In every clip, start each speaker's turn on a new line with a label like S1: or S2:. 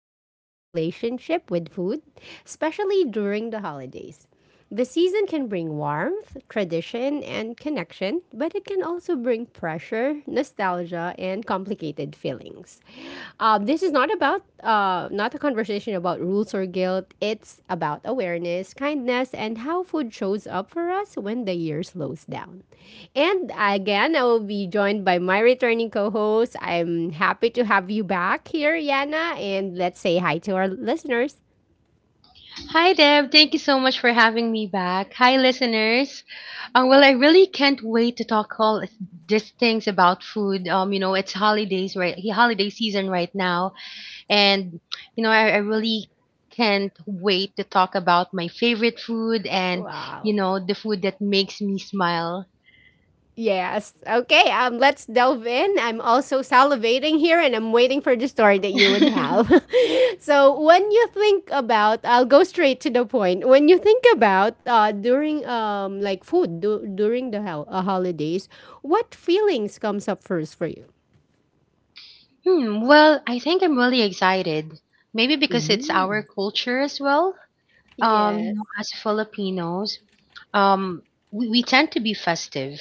S1: about our relationship with food, especially during the holidays. The season can bring warmth, tradition, and connection, but it can also bring pressure, nostalgia, and complicated feelings. This is not a conversation about rules or guilt. It's about awareness, kindness, and how food shows up for us when the year slows down. And again, I will be joined by my returning co-host. I'm happy to have you back here, Yana, and let's say hi to our listeners.
S2: Hi, Deb. Thank you so much for having me back. Hi, listeners. Well, I really can't wait to talk all these things about food. It's holidays, right? Yeah, holiday season right now, and I really can't wait to talk about my favorite food and
S1: Wow.
S2: the food that makes me smile.
S1: Yes. Okay. Let's delve in. I'm also salivating here, and I'm waiting for the story that you would have.
S2: hmm,
S1: So when you think about, I'll go straight to the point. When you think about, during like, during the holidays, what feelings comes up first for you?
S2: well, I think I'm really excited. Maybe because it's our
S1: Mm.
S2: culture as well.
S1: Yes.
S2: As Filipinos, um, we tend to be festive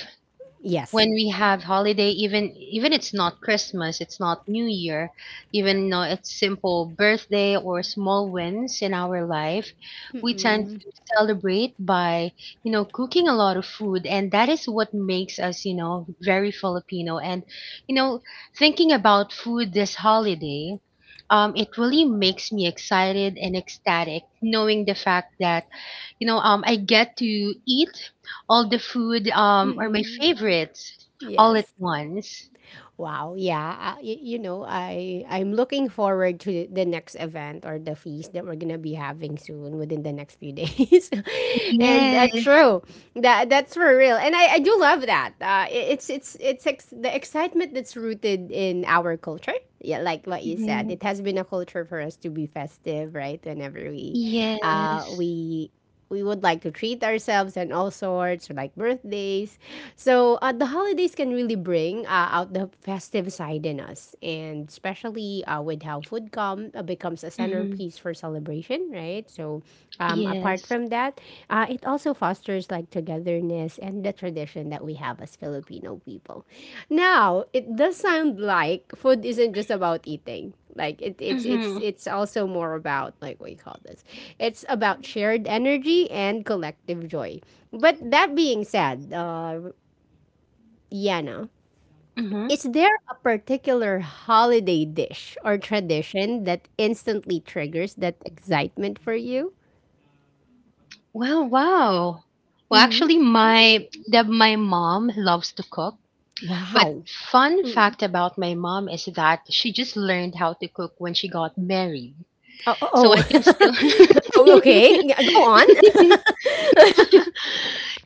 S1: Yes.
S2: when we have holiday. Even it's not Christmas, it's not New Year, even though it's simple birthday or small wins in our life, we tend
S1: Mm-mm.
S2: to celebrate by cooking a lot of food, and that is what makes us very Filipino. And you know, thinking about food this holiday, it really makes me excited and ecstatic knowing the fact that I get to eat all the food, or my
S1: Mm-mm.
S2: favorites all at
S1: Yes.
S2: once.
S1: Wow, yeah, I'm looking forward to the next event or the feast that we're gonna be having soon within the next few days, and
S2: Yes.
S1: true, that's for real, and I do love that. The excitement that's rooted in our culture. Yeah, like what you said,
S2: Hmm.
S1: it has been a culture for us to be festive, right? Whenever uh,
S2: Yes.
S1: we we would like to treat ourselves and all sorts, like birthdays. So the holidays can really bring out the festive side in us, and especially with how food come becomes a
S2: Hmm.
S1: centerpiece for celebration, right? So apart
S2: Yes.
S1: from that, it also fosters like togetherness and the tradition that we have as Filipino people. Now, it does sound like food isn't just about eating, like, it,
S2: Hmm.
S1: it's also more about, like, what do you call this, it's about shared energy and collective joy. But that being said, Yana,
S2: Hmm.
S1: is there a particular holiday dish or tradition that instantly triggers that excitement for you?
S2: Well, wow. Well,
S1: Hmm.
S2: actually, my mom loves to cook. But
S1: Wow.
S2: fun fact about my mom is that she just learned how to cook when she got married.
S1: Oh, oh,
S2: So I can still
S1: oh. Oh, okay. Yeah, go on.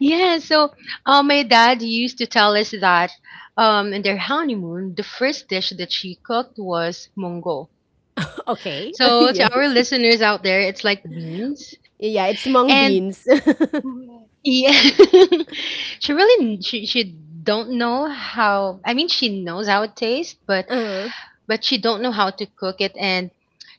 S2: yeah, so my dad used to tell us that in their honeymoon, the first dish that she cooked was mongo.
S1: Okay.
S2: So to our
S1: Yes.
S2: listeners out there, it's like beans,
S1: Yeah, it's
S2: and
S1: mung beans.
S2: mm, yeah, she really she don't know how. I mean, she knows how it tastes, but
S1: uh,
S2: she don't know how to cook it, and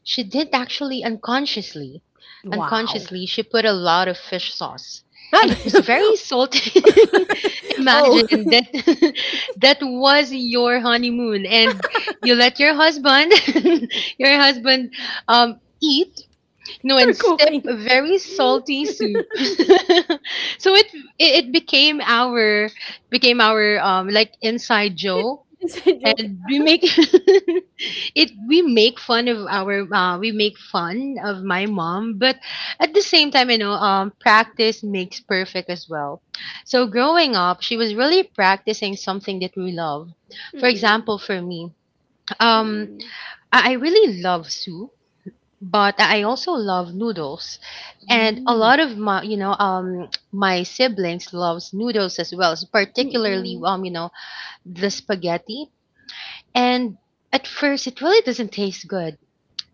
S2: she did actually unconsciously
S1: wow.
S2: unconsciously she put a lot of fish sauce, and it was very salty.
S1: Oh.
S2: Imagine that. That was your honeymoon, and you let your husband your husband um eat
S1: You're
S2: and sip
S1: cooking.
S2: a very salty soup. So it became our like inside joke,
S1: Just joking.
S2: and we make it, we make fun of my mom, but at the same time, practice makes perfect as well, so growing up she was really practicing something that we love.
S1: Mm,
S2: For
S1: mm.
S2: example, for me, um,
S1: Hmm.
S2: I really love soup, but I also love noodles, and a
S1: Mm.
S2: lot of my you know my siblings loves noodles as well, particularly
S1: Mm-mm.
S2: the spaghetti, and at first it really doesn't taste good.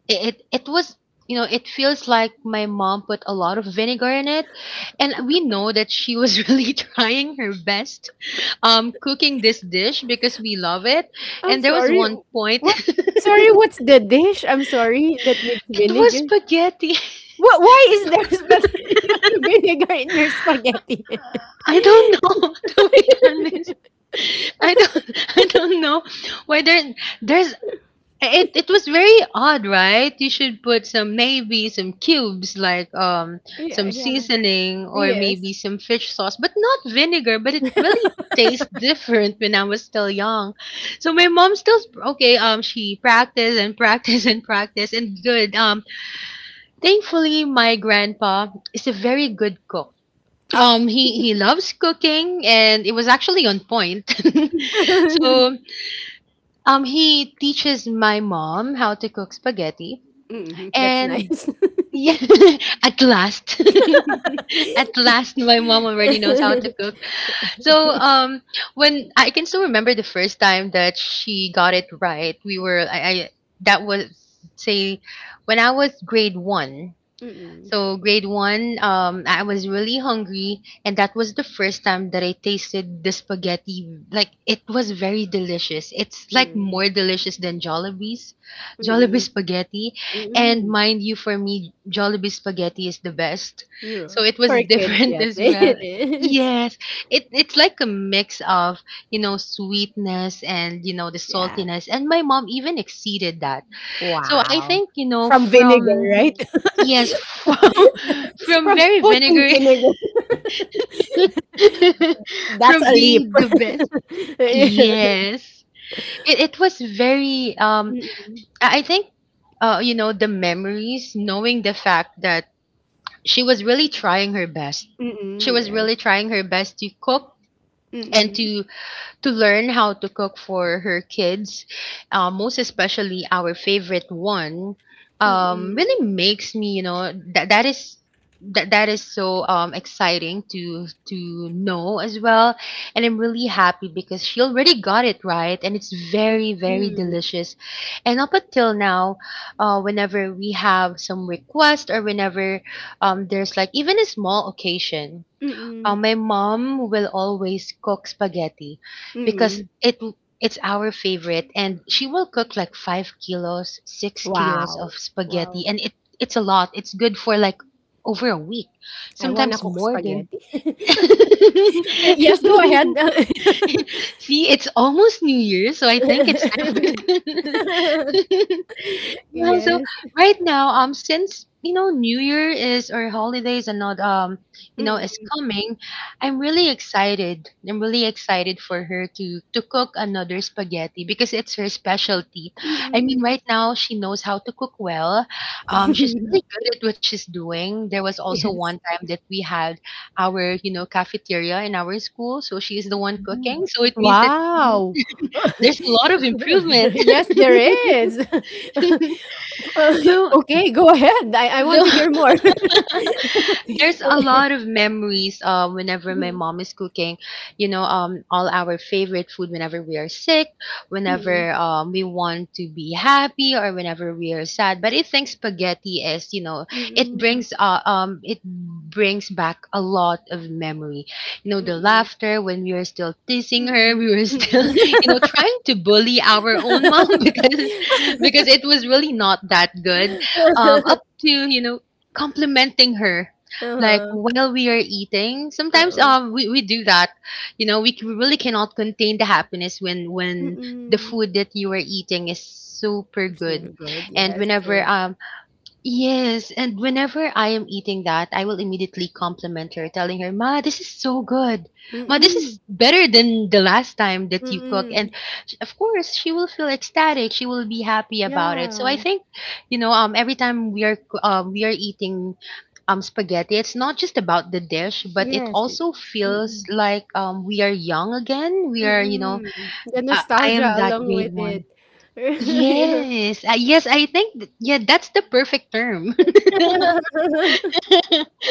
S2: It was, it feels like my mom put a lot of vinegar in it, and we know that she was really trying her best, cooking this dish because we love it,
S1: I'm
S2: and there was
S1: sorry.
S2: one point
S1: What? Sorry,
S2: it
S1: what's the dish? I'm sorry that needs
S2: was
S1: vinegar.
S2: spaghetti.
S1: What? Why is there spaghetti vinegar in your spaghetti?
S2: I don't know, to be honest. I don't I don't know why there's it was very odd, right? You should put some, maybe some cubes, like,
S1: Yeah,
S2: some
S1: yeah.
S2: seasoning or
S1: Yes.
S2: maybe some fish sauce, but not vinegar. But it really tastes different when I was still young. So my mom still okay. She practiced and practiced and practiced and good. Thankfully my grandpa is a very good cook. He loves cooking, and it was actually on point. So, he teaches my mom how to cook spaghetti,
S1: Hmm, that's
S2: and
S1: nice.
S2: yeah, at last, at last, my mom already knows how to cook. So, when I can still remember the first time that she got it right, we were I that was say, when I was grade one.
S1: Mm-mm.
S2: So grade one, I was really hungry, and that was the first time that I tasted the spaghetti. Like, it was very delicious. It's like
S1: Mm-mm.
S2: more delicious than Jollibee
S1: Mm-mm.
S2: spaghetti. And
S1: Mm-mm.
S2: mind you, for me, Jollibee spaghetti is the best.
S1: Yeah.
S2: So it was
S1: For kids,
S2: different
S1: yes,
S2: as well.
S1: it is.
S2: Yes, it's like a mix of sweetness and the
S1: Yeah.
S2: saltiness, and my mom even exceeded that, so I
S1: Wow.
S2: think, you know,
S1: From vinegar,
S2: from
S1: right?
S2: yes, from
S1: From
S2: very
S1: putting
S2: vinegary
S1: vinegar. That's a
S2: from
S1: leap.
S2: being the best.
S1: Yeah.
S2: Yes. It was very, I think, the memories knowing the fact that she was really trying her best.
S1: Mm-mm.
S2: She
S1: Mm-mm.
S2: was
S1: Yes.
S2: really trying her best to cook and
S1: Mm-mm.
S2: to learn how to cook for her kids, most especially our favorite one,
S1: Mm-mm.
S2: really makes me, you know, that that is so exciting to know as well, and I'm really happy because she already got it right, and it's very very
S1: Mm-mm.
S2: delicious, and up until now, whenever we have some request or whenever there's like even a small occasion,
S1: Mm-mm.
S2: my mom will always cook spaghetti, because
S1: Mm-mm.
S2: it's our favorite, and she will cook like 5 kilos, 6 kilos
S1: Wow.
S2: of spaghetti,
S1: Wow.
S2: and it's a lot. It's good for like over a week,
S1: I wanna
S2: sometimes
S1: cook
S2: more than.
S1: spaghetti. Yes, go ahead.
S2: See, it's almost New Year, so I think it's time for. Yeah, so
S1: Yes.
S2: right now, since New Year is or holidays and not is
S1: Mm-mm.
S2: coming, I'm really excited. I'm really excited for her to cook another spaghetti, because it's her specialty. I mean,
S1: Mm-mm.
S2: right now she knows how to cook well. She's really good at what she's doing. There was also one
S1: Yes.
S2: time that we had our cafeteria in our school, so she is the one
S1: Mm.
S2: cooking. So it means that
S1: Wow.
S2: there's a lot of improvement.
S1: Yes, there is. Uh,
S2: So,
S1: Okay, go ahead. I want to
S2: though,
S1: hear more.
S2: there's a lot of memories whenever my
S1: Mm,
S2: mom is cooking, all our favorite food whenever we are sick, whenever we want to be happy, or whenever we are sad. But I think spaghetti is, it
S1: mm,
S2: brings uh, um, it brings back a lot of memory. The
S1: mm,
S2: laughter when we were still teasing
S1: mm,
S2: her,
S1: mm,
S2: we were still,
S1: mm.
S2: trying to bully our own mom because it was really not that good. Up to complimenting her like
S1: Uh-huh.
S2: while we are eating sometimes,
S1: Uh-oh.
S2: we do that. We really cannot contain the happiness when the
S1: Mm-mm.
S2: food that you are eating is super good
S1: Absolutely good. Yeah,
S2: and
S1: it's
S2: whenever
S1: true.
S2: Yes, and whenever I am eating that, I will immediately compliment her, telling her, "Ma, this is so good. Ma, this is
S1: Mm-mm.
S2: better than the last time that you cook." And
S1: Mm-mm.
S2: of course, she will feel ecstatic. She will be happy about it. So I
S1: Yeah.
S2: think, every time we are eating spaghetti, it's not just about the dish, but it
S1: Yes. It.
S2: also feels
S1: Mm-mm.
S2: like we are young again. We are,
S1: Mm. The
S2: I
S1: nostalgia
S2: am that
S1: along with
S2: grade
S1: it.
S2: one.
S1: Yeah.
S2: Yes, yes, I think yeah, that's the perfect term.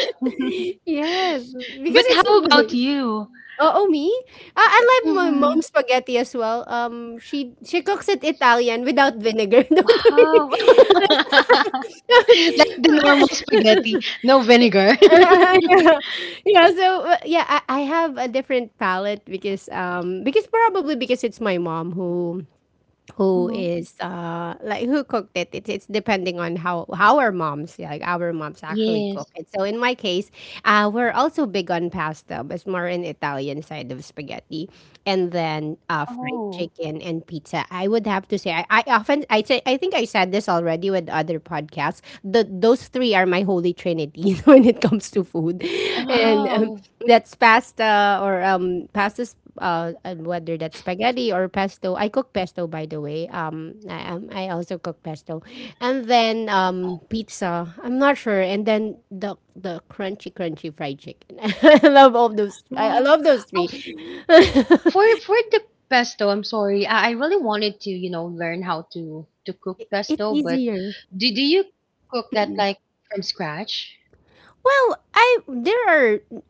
S1: Yes, because
S2: But how
S1: it's.
S2: about you?
S1: Oh, oh, me? Ah, I like my
S2: Mhm.
S1: mom's spaghetti as well. She cooks it Italian without vinegar. Don't worry.
S2: Wow. Like the normal spaghetti, no vinegar.
S1: Yeah. Yeah, so yeah, I have a different palate because probably because it's my mom who
S2: Mhm.
S1: is, like, who cooked it. It's depending on how our moms, yeah, like our moms actually cook
S2: Yes.
S1: it. So in my case we're also big on pasta, but it's more an Italian side of spaghetti. And then, fried
S2: Oh.
S1: chicken and pizza, I would have to say, I often I think I said this already with other podcasts. The Those three are my holy trinity when it comes to food. And
S2: Wow.
S1: that's pasta or pastas, whether that's spaghetti or pesto. I cook pesto, by the way. I also cook pesto, and then, pizza. I'm not sure, and then the crunchy, crunchy fried chicken. I love all those. I
S2: Wow.
S1: love those
S2: Oh,
S1: three.
S2: f- for for the pesto, I'm sorry. I really wanted to, learn how to cook
S1: It's
S2: pesto, but
S1: easier.
S2: do you cook that like from scratch?
S1: Well, I there are,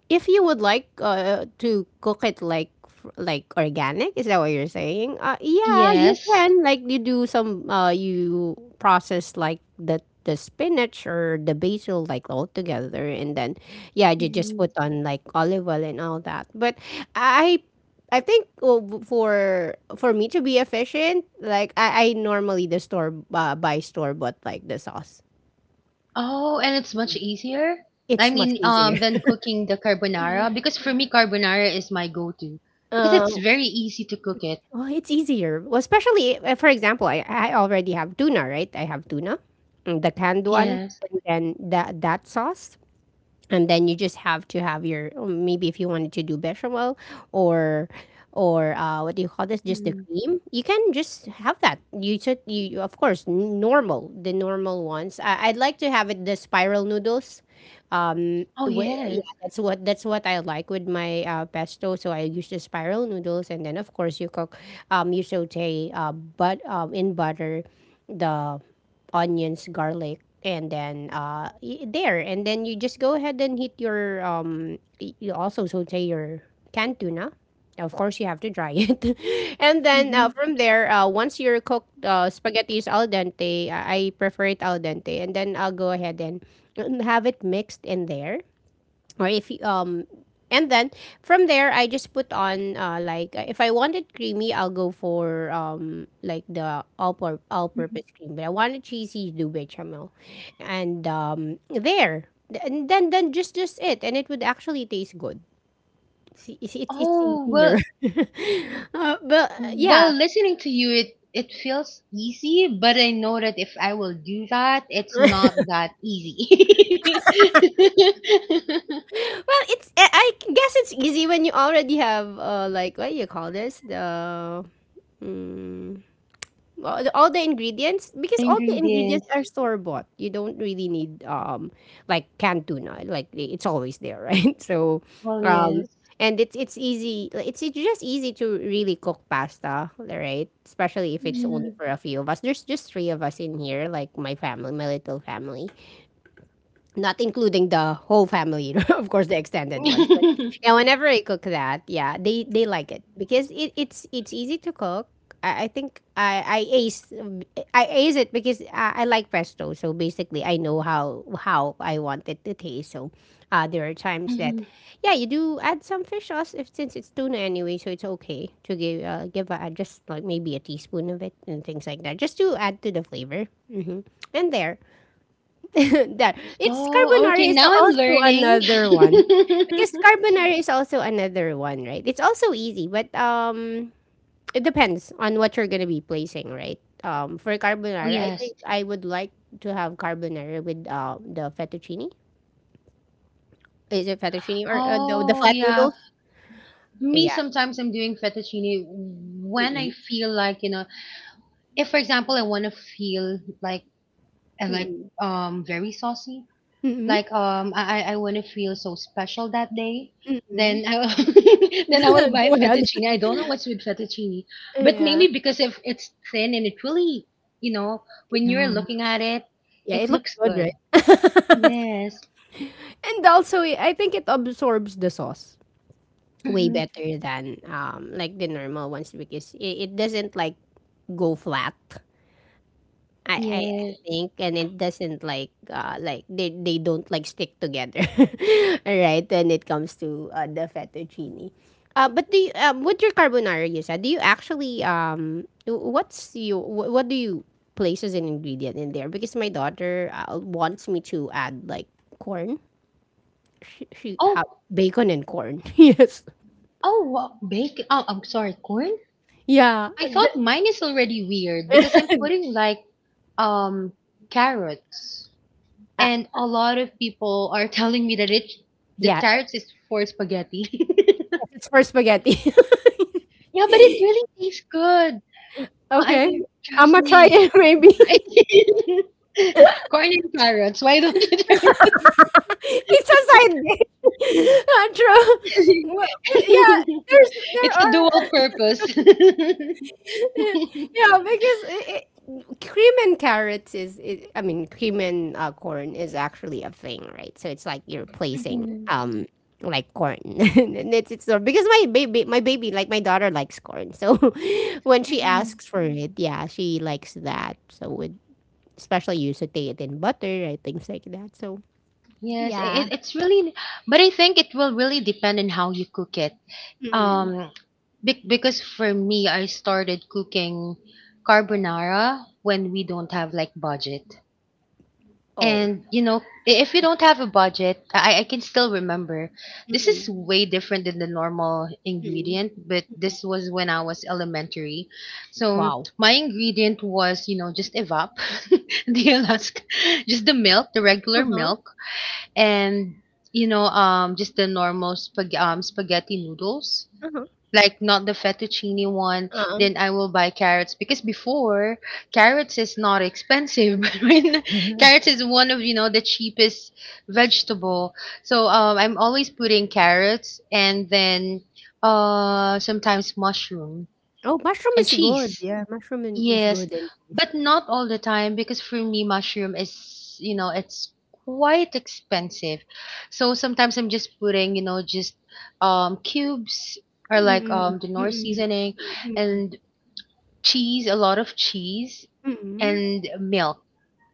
S1: if you would like, to cook it like, like organic, is that what you're saying? Yeah, you
S2: Yes.
S1: can, like, you do some, you process, like, the spinach or the basil, like, all together, and then yeah, you just put on, like, olive oil and all that, but i I think, oh, for me to be efficient, like, I normally the store buy store bought, like, the sauce.
S2: Oh, and it's much easier? I
S1: It's much
S2: mean,
S1: easier.
S2: than cooking the carbonara, because for me carbonara is my go-to, because it's
S1: Um,
S2: very easy to cook it.
S1: Oh, it's easier. Well, especially, for example, I already have tuna, right? I have tuna, the canned one,
S2: Yes.
S1: and then that sauce, and then you just have to have your, or maybe if you wanted to do bechamel, or or, what do you call this? Just the
S2: Mhm.
S1: cream. You can just have that. You should, of course, normal, the normal ones. I'd like to have it, the spiral noodles.
S2: Oh,
S1: Wi
S2: yes.
S1: Yeah, that's what, that's what I like with my, pesto. So I use the spiral noodles, and then of course you cook, you saute, but in butter, the onions, garlic, and then, there, and then you just go ahead and heat your, you also saute your canned tuna. Of course, you have to dry it, and then,
S2: Hmm.
S1: from there, once your cooked, spaghetti is al dente, I prefer it al dente, and then I'll go ahead and have it mixed in there. Or if you, and then from there, I just put on, like, if I wanted creamy, I'll go for, like, the all
S2: Hmm.
S1: purpose cream, but I wanted cheesy, do bechamel. And there. And then just it, and it would actually taste good. See, it's
S2: Oh,
S1: easier.
S2: well,
S1: But,
S2: while
S1: yeah.
S2: listening to you, it feels easy, but I know that if I will do that, it's not that easy.
S1: Well, it's I guess it's easy when you already have, like, what do you call this, the, mm, all the ingredients, because all the ingredients
S2: Ingredients.
S1: are store bought. You don't really need like canned tuna. Like, it's always there, right? So
S2: Well,
S1: um
S2: yes.
S1: and it's easy, like. It's just easy to really cook pasta, right? Especially if it's only for a few of us. There's just three of us in here, like my family, my little family, not including the whole family, of course, the extended ones. But
S2: Hmm.
S1: yeah, whenever I cook that, yeah, they like it because it's easy to cook. I think I ace it because I like pesto. So basically, I know how I want it to taste. So, there are times that, yeah, you do add some fish sauce, if since it's tuna anyway, so it's okay to give a, just like maybe a teaspoon of it and things like that, just to add to the flavor. Hmm. And there, that it's
S2: Oh,
S1: carbonara
S2: okay,
S1: is
S2: now I'm
S1: also
S2: learning.
S1: another one, because carbonara is also another one, right? It's also easy, but it depends on what you're gonna be placing, right? For
S2: Oh,
S1: carbonara, I
S2: yes.
S1: think I would like to have carbonara with, the fettuccine. Is it fettuccine or, the
S2: Oh,
S1: flat
S2: yeah.
S1: noodles?
S2: Me,
S1: Yeah.
S2: sometimes I'm doing fettuccine when
S1: Mm-mm.
S2: I feel like, if, for example, I want to feel like, I like,
S1: Mm-mm.
S2: very saucy,
S1: Mm-mm.
S2: like, I want to feel so special that day,
S1: Mm-mm.
S2: then I will, then I will buy
S1: Go ahead.
S2: fettuccine. I don't know what's with fettuccine, but maybe because if it's thin, and it really, when you're
S1: Yeah,
S2: looking at it,
S1: yeah, it
S2: it
S1: looks
S2: looks
S1: good,
S2: good.
S1: right?
S2: Yes.
S1: And also, I think it absorbs the sauce way
S2: Mhm.
S1: better than, like, the normal ones, because it doesn't, like, go flat. I
S2: Yeah.
S1: think, and it doesn't, like, like, they don't, like, stick together. Right. When it comes to, the fettuccine. But do you, with your carbonara you said, do you actually, what do you place as an ingredient in there, because my daughter, wants me to add, like, corn, she have
S2: Oh,
S1: bacon and corn? Yes.
S2: oh, wow. Bacon. Oh, I'm sorry, corn.
S1: Yeah,
S2: I thought mine is already weird because I'm putting um carrots,
S1: uh,
S2: and a lot of people are telling me that it that
S1: yeah.
S2: carrots is for spaghetti.
S1: It's for spaghetti.
S2: Yeah, but it really tastes good. I
S1: Okay.
S2: mean,
S1: I'm
S2: trust
S1: gonna try
S2: me.
S1: it maybe.
S2: Corn and carrots. Why don't you try?
S1: It's a side dish. True. Well, but yeah, there
S2: It's a dual
S1: are.
S2: purpose.
S1: Yeah, because cream and carrots is, I mean, cream and, corn is actually a thing, right? So it's like you're placing,
S2: Mhm.
S1: like, corn. And it's because my baby, like, my daughter likes corn, so when she
S2: Mhm.
S1: asks for it, yeah, she likes that, so especially you saute it in butter, right, things like that. So.
S2: Yes, i-
S1: Yeah.
S2: it, it's really, but I think it will really depend on how you cook it.
S1: Mm.
S2: Um, because for me, I started cooking carbonara when we don't have like budget.
S1: Oh.
S2: And if you don't have a budget, I can still remember. This is
S1: Mm,
S2: way different than the normal
S1: mm,
S2: ingredient, but
S1: mm.
S2: this was when I was elementary. So
S1: Wow.
S2: my ingredient was, you know, just evap, the Alaska, just the milk, the regular milk and just the spaghetti noodles,
S1: Uh-huh,
S2: like not the fettuccine one.
S1: uh-uh.
S2: Then I will buy carrots because before, carrots is not expensive, but when carrots is one of, you know, the cheapest vegetable. So I'm always putting carrots, and then sometimes mushroom
S1: Oh, mushroom
S2: and
S1: is good.
S2: cheese.
S1: Yeah, mushroom in is
S2: Yes,
S1: good, and
S2: but not all the time, because for me, mushroom is, you know, it's quite expensive. So sometimes I'm just putting, you know, just cubes or like
S1: Mm,
S2: the North
S1: mm,
S2: seasoning
S1: mm,
S2: and cheese, a lot of cheese,
S1: mm.
S2: and milk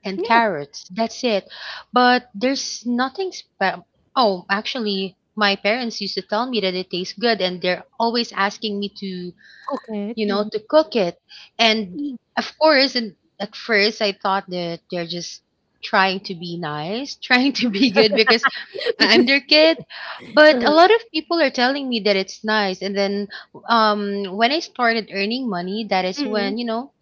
S2: and
S1: Yeah,
S2: carrots. That's it. But there's nothing spe- Oh, actually, my parents used to tell me that it tastes good, and they're always asking me to,
S1: cook it.
S2: you know,
S1: Mhm.
S2: to cook it. And of course, and at first I thought that they're just trying to be nice, trying to be good, because I'm their kid. But a
S1: Uh-huh,
S2: lot of people are telling me that it's nice. And then when I started earning money, that is
S1: mm.
S2: when, you know,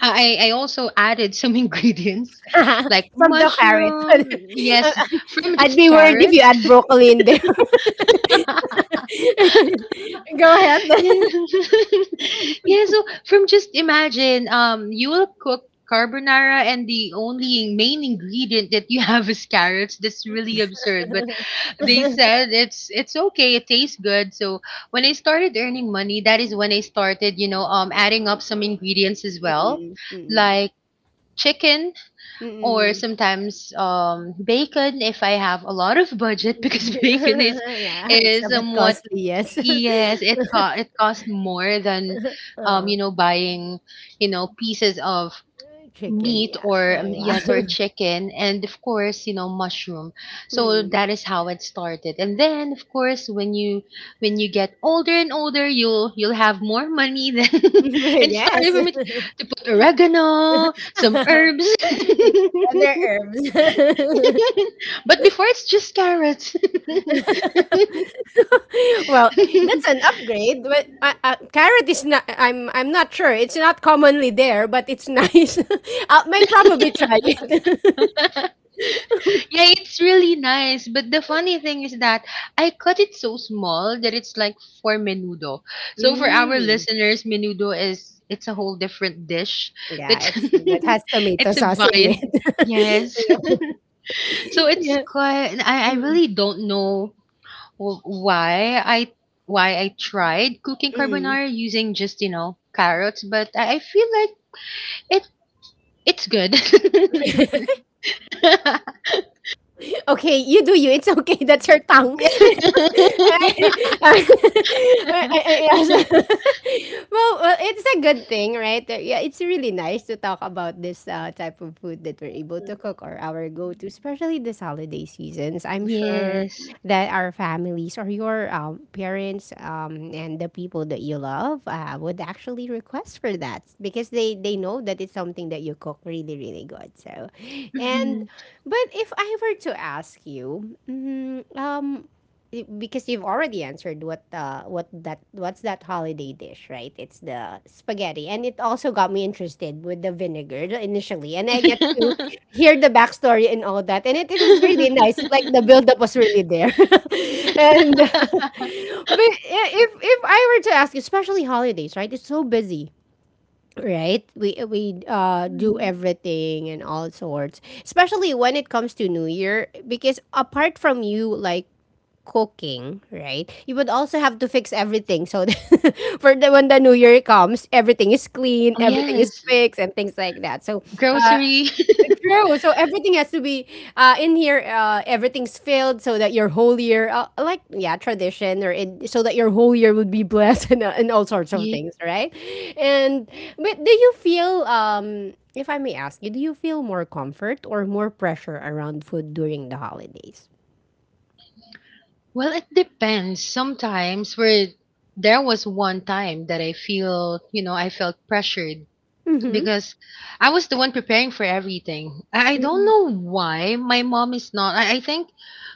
S2: I also added some ingredients like
S1: From the carrot.
S2: mushroom,
S1: Uh,
S2: yes, from
S1: I'd
S2: just
S1: be worried if you
S2: carrots.
S1: add broccoli in there. Go ahead.
S2: Yeah. Yeah, so, from just imagine, you will cook carbonara, and the only main ingredient that you have is carrots. That's really absurd, but they said it's okay. It tastes good. So when I started earning money, that is when I started, you know, adding up some ingredients as well,
S1: Mm, mm,
S2: like chicken or
S1: mm.
S2: sometimes bacon if I have a lot of budget, because bacon is
S1: Yeah, it's
S2: is
S1: a bit
S2: somewhat,
S1: costly, yes.
S2: yes, it costs more than
S1: Uh,
S2: you know, buying, you know, pieces of
S1: chicken,
S2: meat
S1: yeah.
S2: or, yes,
S1: Yeah.
S2: or chicken, and of course, you know, mushroom. So
S1: Hmm.
S2: that is how it started. And then of course, when you, when you get older and older, you'll have more money then, and it started
S1: Yes.
S2: with me to put oregano, some herbs.
S1: Yeah, other herbs.
S2: But before, it's just carrots. Yeah,
S1: Well, that's an upgrade, but carrot is not. I'm not sure. It's not commonly there, but it's nice. I might probably try it.
S2: it's really nice. But the funny thing is that I cut it so small that it's like for menudo. So for our
S1: Mm.
S2: listeners, menudo is, it's a whole different dish.
S1: Yeah,
S2: It's
S1: it's that has tomato
S2: it's a
S1: sauce in
S2: viand.
S1: it.
S2: Yes. So it's
S1: Yeah.
S2: quite. I really don't know why I why I tried cooking
S1: Mm.
S2: carbonara using just, you know, carrots, but I feel like it's good.
S1: Okay, you do you. It's okay. That's your tongue. I- I- yes. Well, it's a good thing, right? Yeah, it's really nice to talk about this type of food that we're able to cook or our go-to, especially this holiday seasons. I'm sure
S2: Yes.
S1: that our families or your parents and the people that you love would actually request for that because they know that it's something that you cook really really good. So, and
S2: Mhm.
S1: but if I were to ask you, because you've already answered what that what's that holiday dish, right? It's the spaghetti, and it also got me interested with the vinegar initially, and I get to hear the backstory and all that. And it is really nice. It's like the buildup was really there. And but if I were to ask, especially holidays, right? It's so busy, right? We do
S2: Mhm.
S1: everything and all sorts, especially when it comes to new year because apart from you, like cooking, right? You would also have to fix everything. So for the when the new year comes, everything is clean,
S2: Oh,
S1: everything is
S2: yes.
S1: fixed, and things like that. So uh,
S2: Grocery.
S1: true. So everything has to be in here. Everything's filled so that your whole year, like yeah, tradition or it, so that your whole year would be blessed and all sorts of
S2: Yeah.
S1: things, right? And but do you feel? If I may ask you, do you feel more comfort or more pressure around food during the holidays?
S2: Well, it depends. Sometimes where There was one time that I feel, you know, I felt pressured
S1: Mm-hmm.
S2: because I was the one preparing for everything. I don't know why my mom is not. I think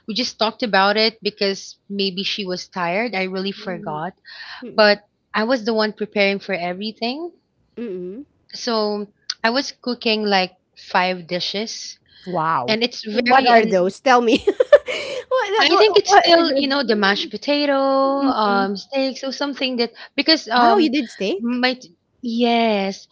S2: we just talked about it because maybe she was tired. I really forgot.
S1: Mm-mm.
S2: But I was the one preparing for everything.
S1: Mm-mm.
S2: So I was cooking like five dishes.
S1: Wow.
S2: And it's
S1: What
S2: very,
S1: are those? Tell me. what?
S2: I
S1: What?
S2: think it's
S1: what
S2: still, you know, the mashed potato,
S1: Mm-mm.
S2: steaks, or something that, because
S1: Wow, you did steak.
S2: my, yes.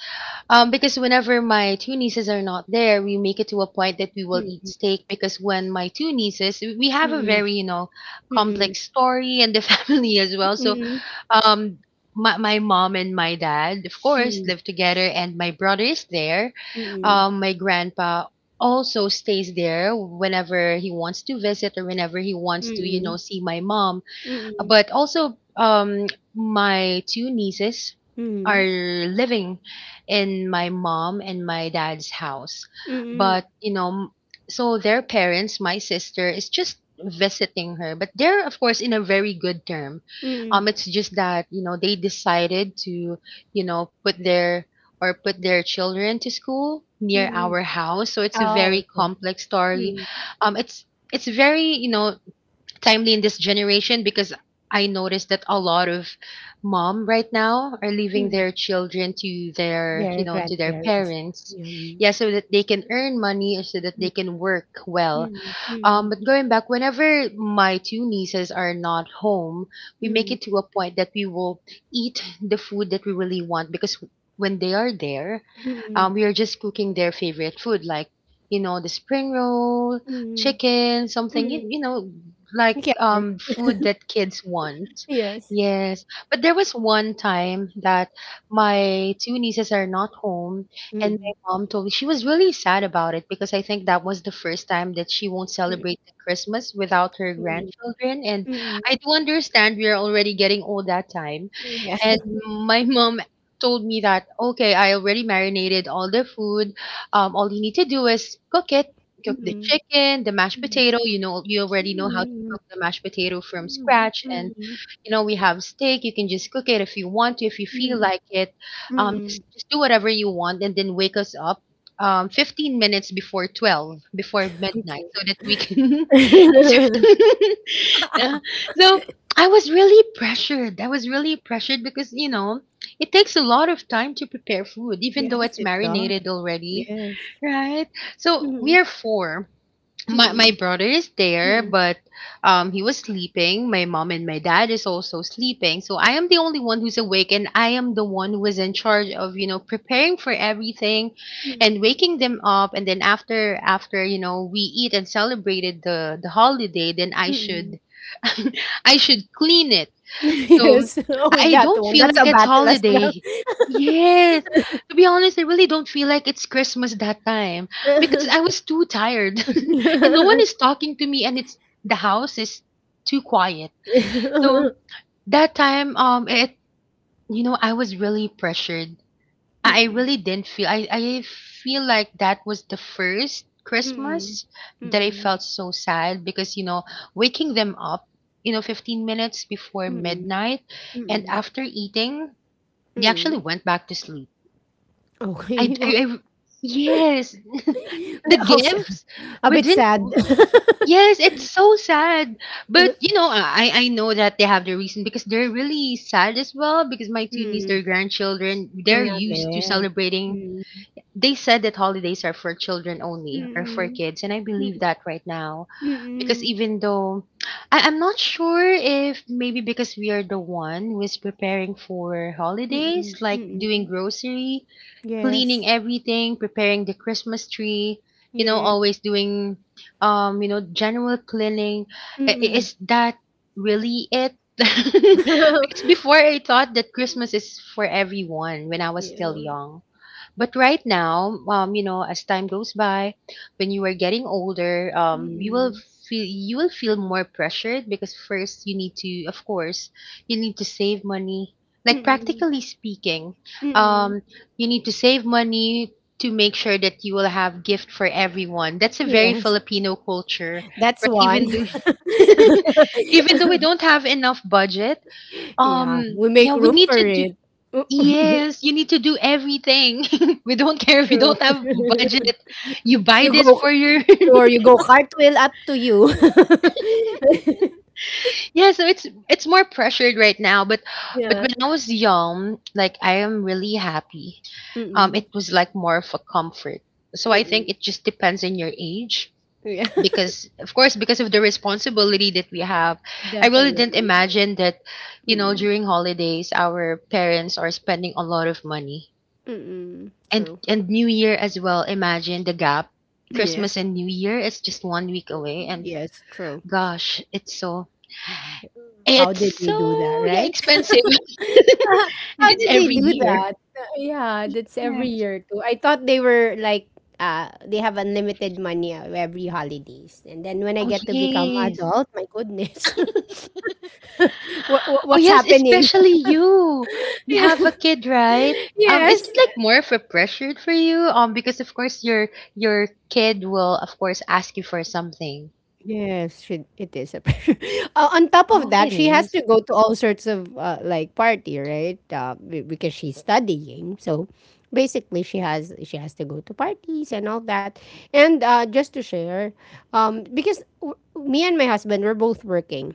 S2: Because whenever my two nieces are not there, we make it to a point that we will eat
S1: Mm,
S2: steak. Because when my two nieces, we have a
S1: Mm-mm.
S2: very, you know, complex story and the family as well. So
S1: Mm-mm.
S2: um, my mom and my dad, of course,
S1: Mm-mm.
S2: live together, and my brother is there.
S1: Mm-mm.
S2: My grandpa also stays there whenever he wants to visit or whenever he wants to, you
S1: Mm-mm.
S2: know, see my mom,
S1: Mm-mm.
S2: but also, my two nieces
S1: Mm-mm.
S2: are
S1: Mm-mm.
S2: living in my mom and my dad's house.
S1: Mm-mm.
S2: But, you know, so their parents, my sister, is just visiting her, but they're of course in a very good term.
S1: Mm-mm.
S2: It's just that, you know, they decided to, you know, put their, or put their children to school near
S1: Mm-mm.
S2: our house, so it's a very
S1: Oh, okay.
S2: complex story.
S1: Mm,
S2: It's very, you know, timely in this generation, because I noticed that a lot of mom right now are leaving
S1: mm.
S2: their children to their, you
S1: Their
S2: know, to their
S1: grandparents.
S2: parents.
S1: Yeah. Mm,
S2: Yeah, so that they can earn money or so that they can work well.
S1: mm, mm,
S2: But going back, whenever my two nieces are not home, we
S1: mm,
S2: make
S1: mm,
S2: it to a point that we will eat the food that we really want, because when they are there,
S1: mm,
S2: we are just cooking their favorite food, like, you know, the spring roll,
S1: mm,
S2: chicken, something
S1: mm.
S2: you, you know, like
S1: Okay. Okay.
S2: food that kids want.
S1: Yes.
S2: Yes, but there was one time that my two nieces are not home, and
S1: Mm,
S2: mom told me she was really sad about it, because I think that was the first time that she won't
S1: mm,
S2: celebrate the Christmas without her
S1: mm,
S2: grandchildren. And I
S1: mm.
S2: do understand, we are already getting old that time.
S1: Yeah.
S2: And my mom told me that, okay, I already marinated all the food. All you need to do is cook it, cook the chicken, the mashed
S1: Mm,
S2: potato. You know, you already know how to
S1: mm,
S2: cook the mashed potato from
S1: mm,
S2: scratch, and
S1: mm,
S2: you know, we have steak. You can just cook it if you want to, if you feel
S1: mm,
S2: like it. Um, just
S1: mm,
S2: just do whatever you want, and then wake us up 15 minutes before 12, before midnight, so that we can
S1: okay.
S2: yeah. So I was really pressured. I was really pressured, because you know, it takes a lot of time to prepare food, even though
S1: Yes,
S2: it's
S1: it does.
S2: marinated already,
S1: Yes.
S2: right? So we
S1: Mm,
S2: are four. My
S1: mm,
S2: brother is there,
S1: mm,
S2: but he was sleeping. My mom and my dad is also sleeping, so I am the only one who's awake, and I am the one who is in charge of, you know, preparing for everything, and
S1: mm,
S2: waking them up. And then, after you know, we eat and celebrated the holiday, then I should
S1: mm.
S2: I should clean it. So,
S1: Yes. Oh, with
S2: I
S1: that
S2: don't
S1: one.
S2: feel
S1: That's
S2: like
S1: a
S2: it's
S1: battle as
S2: holiday.
S1: well.
S2: Yes. To be honest, I really don't feel like it's Christmas that time, because I was too tired, and no one is talking to me, and it's, the house is too quiet. So that time, it, you know, I was really pressured. I really didn't feel, I feel like that was the first Christmas that I felt so sad, because you know, waking them up, you know, 15 minutes before
S1: Mm,
S2: midnight, and
S1: mm,
S2: after eating, they actually
S1: mm.
S2: went back to sleep. I
S1: Okay. Well,
S2: I, I- yes. The
S1: how s-
S2: gifts,
S1: a
S2: we
S1: bit
S2: didn't.
S1: sad.
S2: Yes, it's so sad. But you know, I know that they have their reason, because they're really sad as well, because my two nieces,
S1: Mm,
S2: their grandchildren, they're
S1: we're not
S2: used to
S1: there.
S2: celebrating.
S1: Mm,
S2: They said that holidays are for children only or for
S1: mm,
S2: kids, and I
S1: mm,
S2: believe
S1: mm,
S2: that right now, because
S1: mm,
S2: even though, I'm not sure if maybe because we are the one who is preparing for
S1: mm, mm,
S2: holidays, like
S1: mm.
S2: doing
S1: Mm.
S2: grocery, cleaning
S1: Yes.
S2: everything, preparing the Christmas tree, you know,
S1: Yeah.
S2: always doing you know, general cleaning. I- i-
S1: Mm.
S2: is that really it, because before I thought that Christmas is for everyone when I was still
S1: Yeah.
S2: young, but right now, you know, as time goes by, when you are getting older, you will
S1: Mm.
S2: feel, you will feel more pressured, because first, you need to, of course, you need to save money. Like,
S1: Mm.
S2: practically speaking,
S1: Mm.
S2: um, you need to save money to make sure that you will have gift for everyone. That's a very
S1: Yes.
S2: Filipino culture,
S1: That's
S2: right?
S1: one.
S2: Even though even though we don't have enough budget,
S1: Yeah, we make
S2: yeah, we
S1: room
S2: need
S1: for
S2: to do.
S1: it. Mm,
S2: Yes, you need to do everything. We don't care if you
S1: true.
S2: don't have budget. You buy
S1: You
S2: this
S1: go
S2: for your
S1: or you go cartwheel up to you.
S2: Yeah, so it's more pressured right now, but
S1: Yeah.
S2: when I was young, like, I am really happy.
S1: Mm.
S2: It was like more of a comfort. So I
S1: Mm.
S2: think it just depends on your age,
S1: Yeah.
S2: because of course, because of the responsibility that we have. I really
S1: Definitely.
S2: didn't imagine that, you know,
S1: Mm.
S2: during holidays, our parents are spending a lot of money.
S1: Mm. True.
S2: And New Year as well, imagine the gap.
S1: Yes.
S2: Christmas and New Year is just one week away, and
S1: Yes, true.
S2: gosh, it's so,
S1: How did
S2: it's
S1: they do that,
S2: so yeah,
S1: right?
S2: expensive. And
S1: How
S2: it's
S1: did they
S2: every
S1: do
S2: year.
S1: that? Yeah, that's
S2: Yeah.
S1: every year too. I thought they were like they have unlimited money every holidays. And then when I
S2: Oh
S1: get to become
S2: yes.
S1: adult, my goodness. what, what
S2: Oh
S1: what's
S2: yes,
S1: happening?
S2: especially you. You have a kid, right? Is
S1: Yes,
S2: it like more of a pressure for you? Because of course, your kid will of course ask you for something.
S1: yes, she it is a pressure. On top of
S2: Oh,
S1: that,
S2: it
S1: she has
S2: is.
S1: to go to all sorts of like party, right? Because she's studying, so basically she has to go to parties and all that. And just to share, because me and my husband were both working,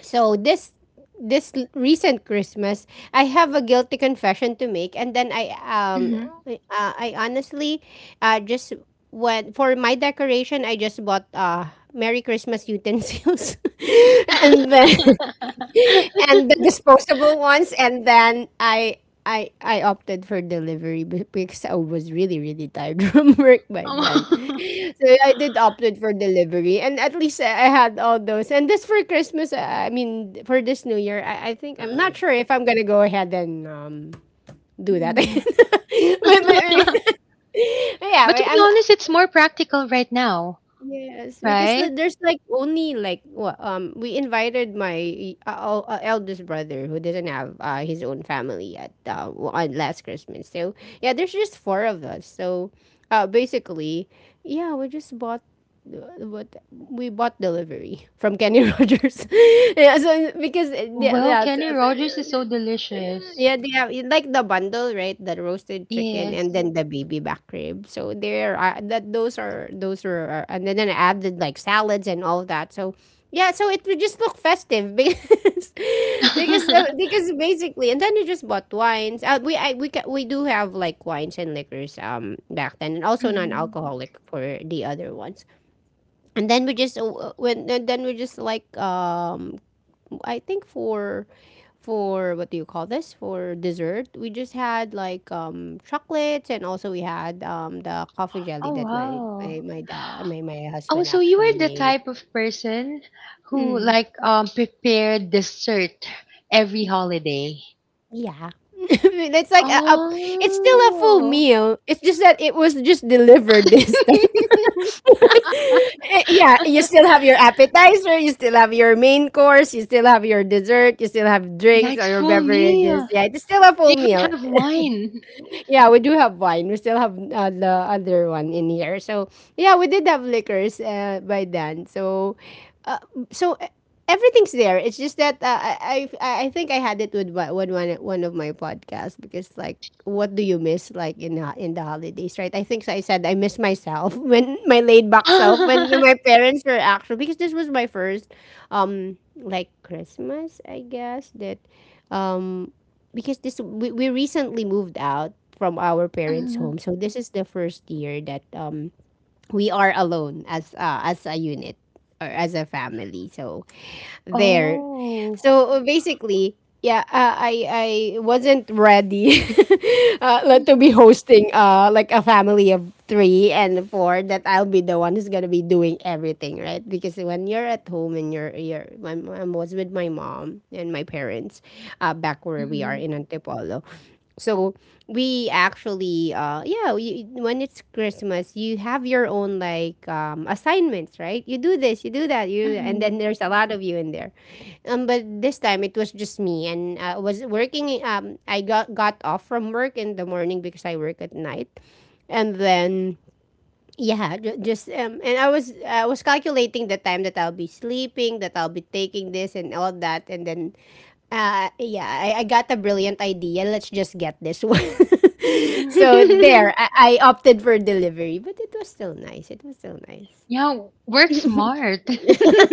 S1: so this recent Christmas, I have a guilty confession to make, and then I um
S2: Mhm.
S1: I- uh, I honestly just went for my decoration. I just bought Merry Christmas utensils, and then and the disposable ones. And then I opted for delivery because I was really really tired from work by then.
S2: Oh.
S1: So I did opted for delivery, and at least I had all those. And this for Christmas I mean for this New Year, I think I'm not sure if I'm gonna go ahead and do that. but,
S2: Mm.
S1: but, but yeah,
S2: But to be
S1: I'm.
S2: honest, it's more practical right now,
S1: Yes, because
S2: right?
S1: there's like only like what we invited my eldest brother who doesn't have his own family yet on last Christmas. So yeah, there's just four of us. So basically, yeah, we just bought what we bought delivery from Kenny Rogers. Yeah, so because yeah,
S2: Well,
S1: yeah, so
S2: Kenny Rogers is so delicious.
S1: yeah, they have you like the bundle, right? The roasted chicken
S2: Yes.
S1: and then the baby back rib. So there, that those are- and then I added like salads and all that. So yeah, so it would just look festive because because basically, and then you just bought wines. We I, we ca- we do have like wines and liquors back then, and also
S2: Mhm.
S1: non-alcoholic for the other ones. And then we just when and then we just like I think for what do you call this? For dessert, we just had like chocolates, and also we had the coffee jelly
S2: Oh
S1: that my
S2: wow.
S1: my my dad my my
S2: Oh,
S1: husband
S2: so you
S1: actually
S2: are the
S1: made.
S2: type of person who
S1: Mm,
S2: like prepared dessert every holiday.
S1: yeah. it's like a, a it's still a full
S2: Oh.
S1: meal. It's just that it was just delivered this time. Yeah, you still have your appetizer, you still have your main course, you still have your dessert, you still have
S2: Yeah,
S1: drinks or
S2: it's
S1: your
S2: full
S1: beverages.
S2: meal.
S1: Yeah, it's still a
S2: You
S1: full
S2: even
S1: meal.
S2: have wine.
S1: Yeah, we do have wine. We still have the other one in here. So yeah, we did have liquors by then. So, uh, so e- everything's there. It's just that I think I had it with one of my podcasts because like what do you miss like in the holidays, right? I think so. I said I miss myself when my laid back self when my parents were actually because this was my first like Christmas I guess that um because we recently moved out from our parents' home.
S2: Mhm.
S1: So this is the first year that we are alone as a unit or as a family. So there.
S2: Oh.
S1: So basically, yeah, I wasn't ready like, to be
S2: Mhm.
S1: hosting like a family of three and four, that I'll be the one who's gonna be doing everything, right? Because when you're at home and you're my mom was with my mom and my parents, back where we are
S2: Mhm.
S1: in Antipolo, so we actually when it's Christmas, you have your own like assignments, right? You do this, you do that, you,
S2: Mhm.
S1: and then there's a lot of you in there. Um, but this time it was just me, and I was working. Um, I got off from work in the morning because I work at night. And then yeah, ju- just and I was calculating the time that I'll be sleeping, that I'll be taking this and all that. And then, yeah, I got a brilliant idea. Let's just get this one. So there, I, I opted for delivery, but it was still nice. It was still nice.
S2: Yeah, work smart.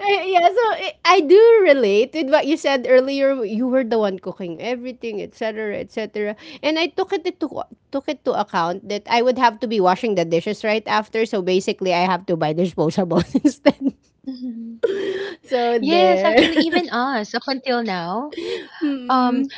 S1: Yeah, so I do relate with what you said earlier. You were the one cooking everything, etc., etc. And I took it to account that I would have to be washing the dishes right after. So basically, I have to buy disposables instead. So
S2: Yes, actually,
S1: there.
S2: even us up until now, um,
S1: Mm-mm.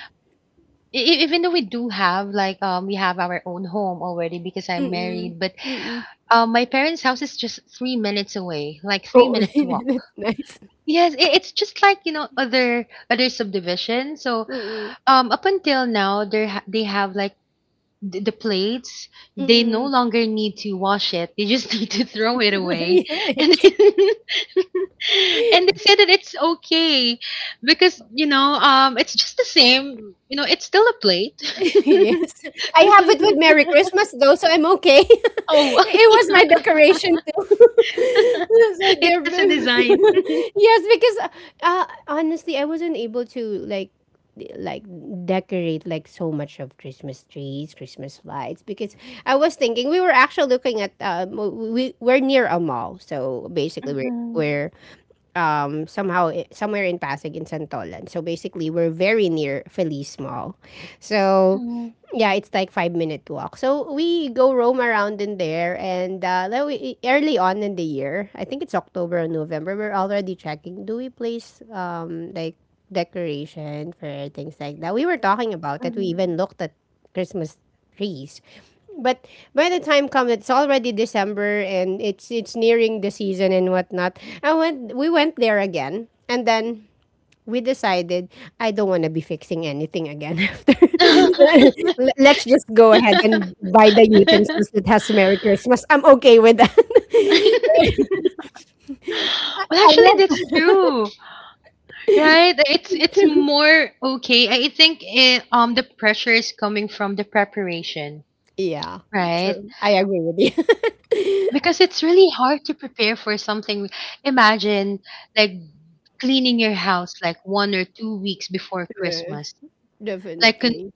S2: even though we do have like we have our own home already because I'm
S1: Mm-mm.
S2: married, but
S1: Mm-mm.
S2: my parents' house is just 3 minutes away, like three
S1: Oh,
S2: minutes walk.
S1: that's nice.
S2: Yes, it's just like other subdivision. So
S1: Mm-mm.
S2: up until now, they have like the plates. They no
S1: Mm-mm.
S2: longer need to wash it. They just need to throw it away.
S1: Yeah.
S2: And then, and they say that it's okay because it's just the same. It's still a plate.
S1: Yes. I have it with Merry Christmas though, so I'm okay.
S2: Oh.
S1: It was my decoration too. so
S2: It
S1: they're
S2: has a
S1: ve-
S2: design.
S1: yes, because honestly, I wasn't able to like d- like decorate like so much of Christmas trees, Christmas lights, because I was thinking we were actually looking at we're near a mall. So basically, we're
S2: Mhm,
S1: we're um, somehow i- somewhere in Pasig, in Santolan. So basically, we're very near Feliz Mall. So
S2: mhm,
S1: yeah, it's like 5-minute walk. So we go roam around in there, and like early on in the year, I think it's October or November, we're already checking. Do we place like decoration for things like that? We were talking about that. We
S2: mhm.
S1: even looked at Christmas trees. But by the time comes, it's already December, and it's nearing the season and whatnot. We went there again, and then we decided I don't want to be fixing anything again after. L- Let's just go ahead and buy the utensils that has Merry Christmas. I'm okay with that.
S2: Well,
S1: I
S2: actually, that's
S1: never.
S2: true. Right, it's more okay. I think the pressure is coming from the preparation,
S1: Yeah,
S2: right?
S1: true. I agree with you.
S2: Because it's really hard to prepare for something. Imagine like cleaning your house like 1 or 2 weeks before
S1: Yeah,
S2: Christmas, like,
S1: definitely.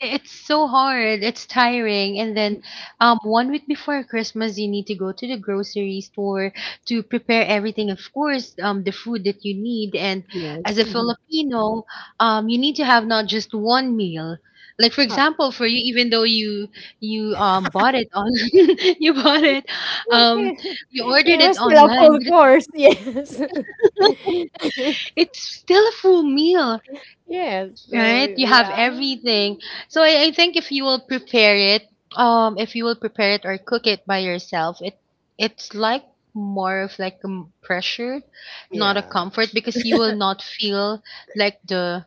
S2: it's so hard. It's tiring. And then, 1 week before Christmas, you need to go to the grocery store to prepare everything. Of course, the food that you need. And as
S1: Yes.
S2: a
S1: Mhm.
S2: Filipino, you need to have not just one meal. Like for
S1: Uh,
S2: example, for you, even though you bought it on you bought it, um, you
S1: it
S2: ordered it
S1: was still a
S2: online,
S1: full
S2: but it's
S1: course, yes.
S2: it's still a full meal.
S1: yes, so
S2: Right? You have
S1: yeah.
S2: everything. So I think if you will prepare it, if you will prepare it or cook it by yourself, it's like more of like pressure, not a
S1: Yeah.
S2: comfort because you will not feel like the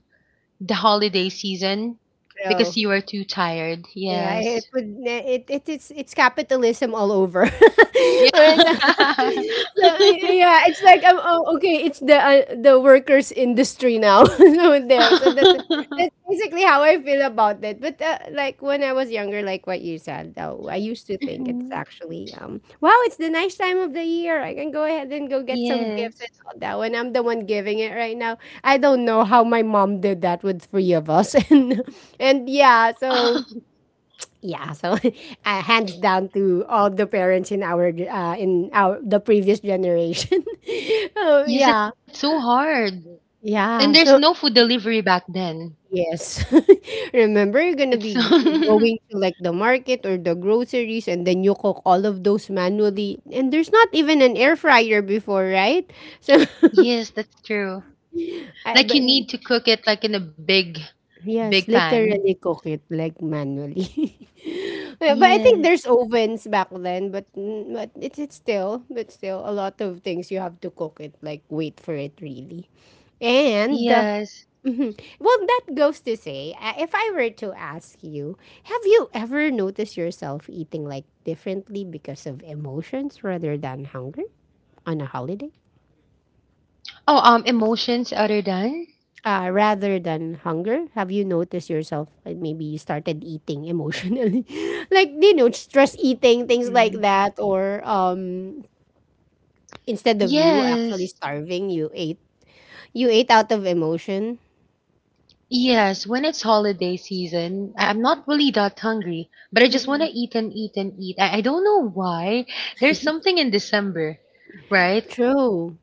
S2: the holiday season
S1: So
S2: because you are too tired.
S1: yeah,
S2: Yes.
S1: it would it it it is it's capitalism all over. Alright, so,
S2: Yeah.
S1: so yeah, it's like oh, okay, it's the workers industry now. so there, so that's basically how I feel about it. But like when I was younger, like what you said, though, I used to think it's
S2: Mhm.
S1: actually wow, it's the nice time of the year. I can go ahead and go get some gifts
S2: Yes.
S1: and all that. When I'm the one giving it right now, I don't know how my mom did that with three of us, and yeah, so yeah, so hands down to all the parents in our ge- in our the previous generation. Oh
S2: Yes, it's
S1: yeah,
S2: so hard. And there's no
S1: yeah.
S2: food
S1: So
S2: delivery back then.
S1: yes, remember you're
S2: It's
S1: gonna be g-
S2: so.
S1: going to like the market or the groceries, and then you cook all of those manually. And there's not even an air fryer before, right? So,
S2: Yes, that's true. Like you
S1: but
S2: need to cook it like in a big big
S1: yes,
S2: pan.
S1: literally cook it like manually. Yeah, but I think there's
S2: Yes.
S1: ovens back then, but it's still a lot of things you have to cook it like wait for it really, and
S2: Yes.
S1: mhm. Well, that goes to say, if I were to ask you, have you ever noticed yourself eating like differently because of emotions rather than hunger on a holiday?
S2: Oh, emotions other than?
S1: Rather than hunger? Have you noticed yourself like maybe you started eating emotionally, like stress eating things like
S2: Hmm.
S1: that, or instead of you actually
S2: Yes.
S1: starving, you ate out of emotion.
S2: Yes, when it's holiday season, I'm not really that hungry, but I just want to
S1: Mm-mm.
S2: eat and eat and eat. I don't know why. There's something in December, right?
S1: True.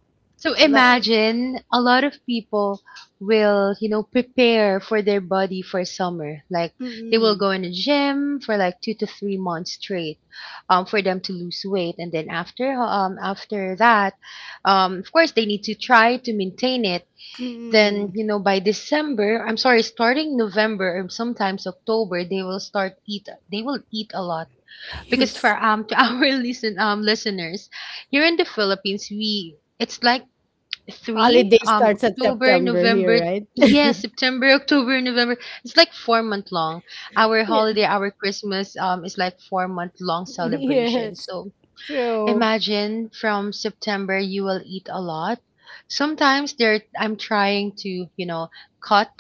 S2: So
S1: Like.
S2: imagine a lot of people will, prepare for their body for summer. Like they will
S1: Mm-mm.
S2: go in a gym for like 2 to 3 months straight, for them to lose weight, and then after that, of course they need to try to maintain it. Then
S1: Mm-mm.
S2: by December, I'm sorry, starting November or sometimes October, they will start eat. They will eat a lot because for
S1: yes.
S2: to our listeners, here in the Philippines, we it's like three
S1: Holiday starts at
S2: October,
S1: September here,
S2: November.
S1: right?
S2: Yes, September, October, November. It's like 4 month long. our
S1: Yeah.
S2: holiday our Christmas is like 4 month long celebration.
S1: Yes.
S2: So
S1: True.
S2: imagine from September you will eat a lot. Sometimes there I'm trying to cut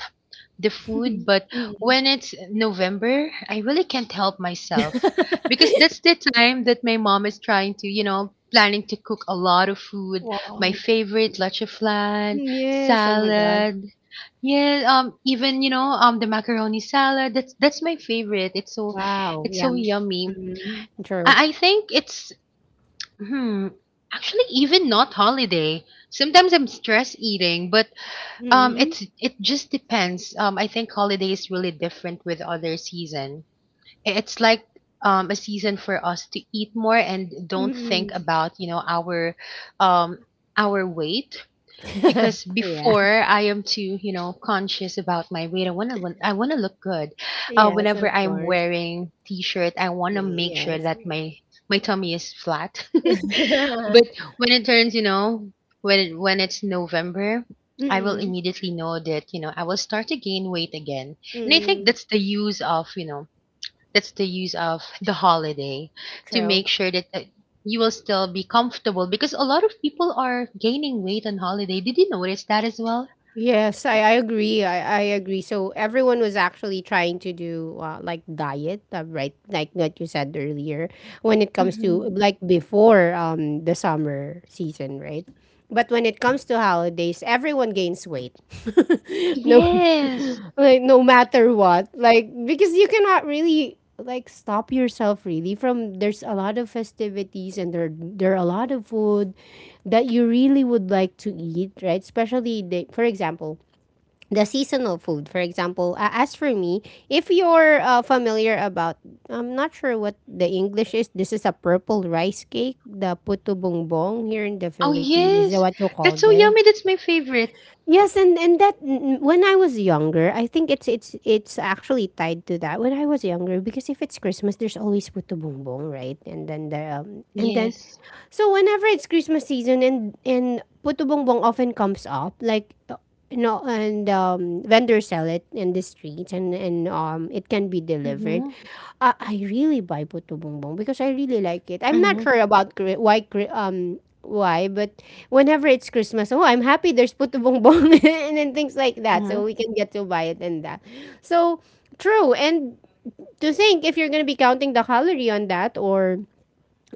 S2: the food, but
S1: Mm.
S2: when it's November, I really can't help myself because that's the time that my mom is trying to, planning to cook a lot of food. My
S1: Wow.
S2: favorite, leche flan,
S1: Yes. Oh my God.
S2: salad. Yeah, even the macaroni salad. That's my favorite. It's so,
S1: Wow.
S2: it's
S1: Yeah.
S2: so yummy.
S1: Mhm. True.
S2: I think hmm, actually even not holiday. Sometimes I'm stress eating, but
S1: Hmm.
S2: it just depends. I think holiday is really different with other season. It's like a season for us to eat more and don't think
S1: Hmm.
S2: about, our um weight because
S1: Yeah.
S2: before I am too, conscious about my weight. I wanna look good.
S1: Yes,
S2: Whenever
S1: of
S2: I'm
S1: course.
S2: wearing t-shirt, I
S1: Uh,
S2: wanna make sure
S1: Yes.
S2: that my tummy is flat. But when it turns, you know, when it, when it's November, I will
S1: Mm,
S2: immediately know that I will start to gain weight again. And I think
S1: mm.
S2: that's the use of the holiday to
S1: True.
S2: make sure that you will still be comfortable because a lot of people are gaining weight on holiday. Did you notice that as well?
S1: Yes, I agree. I agree. So everyone was actually trying to do like diet, right? Like what you said earlier, when it comes to
S2: Hmm.
S1: like before the summer season, right? But when it comes to holidays, everyone gains weight. No,
S2: Yes.
S1: like no matter what, like because you cannot really like stop yourself really from there's a lot of festivities, and there are a lot of food that you really would like to eat, right? Especially the seasonal food. For example, as for me, if you're familiar about, I'm not sure what the English is. This is a purple rice cake, the puto bongbong here in the
S2: Oh,
S1: Philippines. Is that
S2: yes.
S1: what you call
S2: That's so
S1: this?
S2: yummy. That's my favorite.
S1: Yes, and when I was younger, I think it's actually tied to that. When I was younger, because if it's Christmas, there's always puto bumbong, right? And then
S2: Yes.
S1: so whenever it's Christmas season and puto bongbong often comes up, like and vendors sell it in the streets and it can be
S2: Mm-hmm.
S1: delivered. I really buy puto bongbong because I really like it. I'm
S2: Mm-hmm.
S1: not sure about why, but whenever it's Christmas, oh, I'm happy there's puto bongbong and then things like that,
S2: Mm-hmm.
S1: so we can get to buy it and that. So true. And to think if you're gonna be counting the calorie on that, or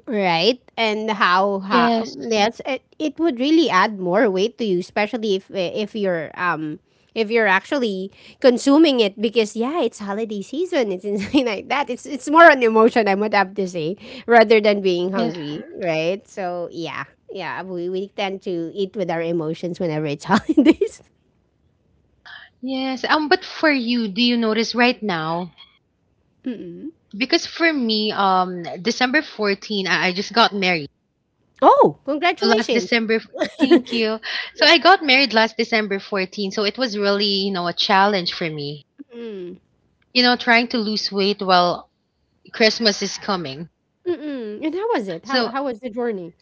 S1: right. And how
S2: Yes.
S1: yes, it would really add more weight to you, especially if you're actually consuming it, because yeah, it's holiday season, it's something like that. It's more an emotion I would have to say rather than being
S2: Yes.
S1: hungry, right? So yeah. Yeah, we tend to eat with our emotions whenever it's holidays.
S2: Yes. But for you, do you notice right now? Because for me, December 14, I just got married.
S1: Oh,
S2: Last
S1: congratulations.
S2: December. Thank you. So I got married last December 14, so it was really, a challenge for me.
S1: Mm.
S2: Trying to lose weight while Christmas is coming.
S1: Mm-mm. And how was it? How
S2: So,
S1: how was the journey?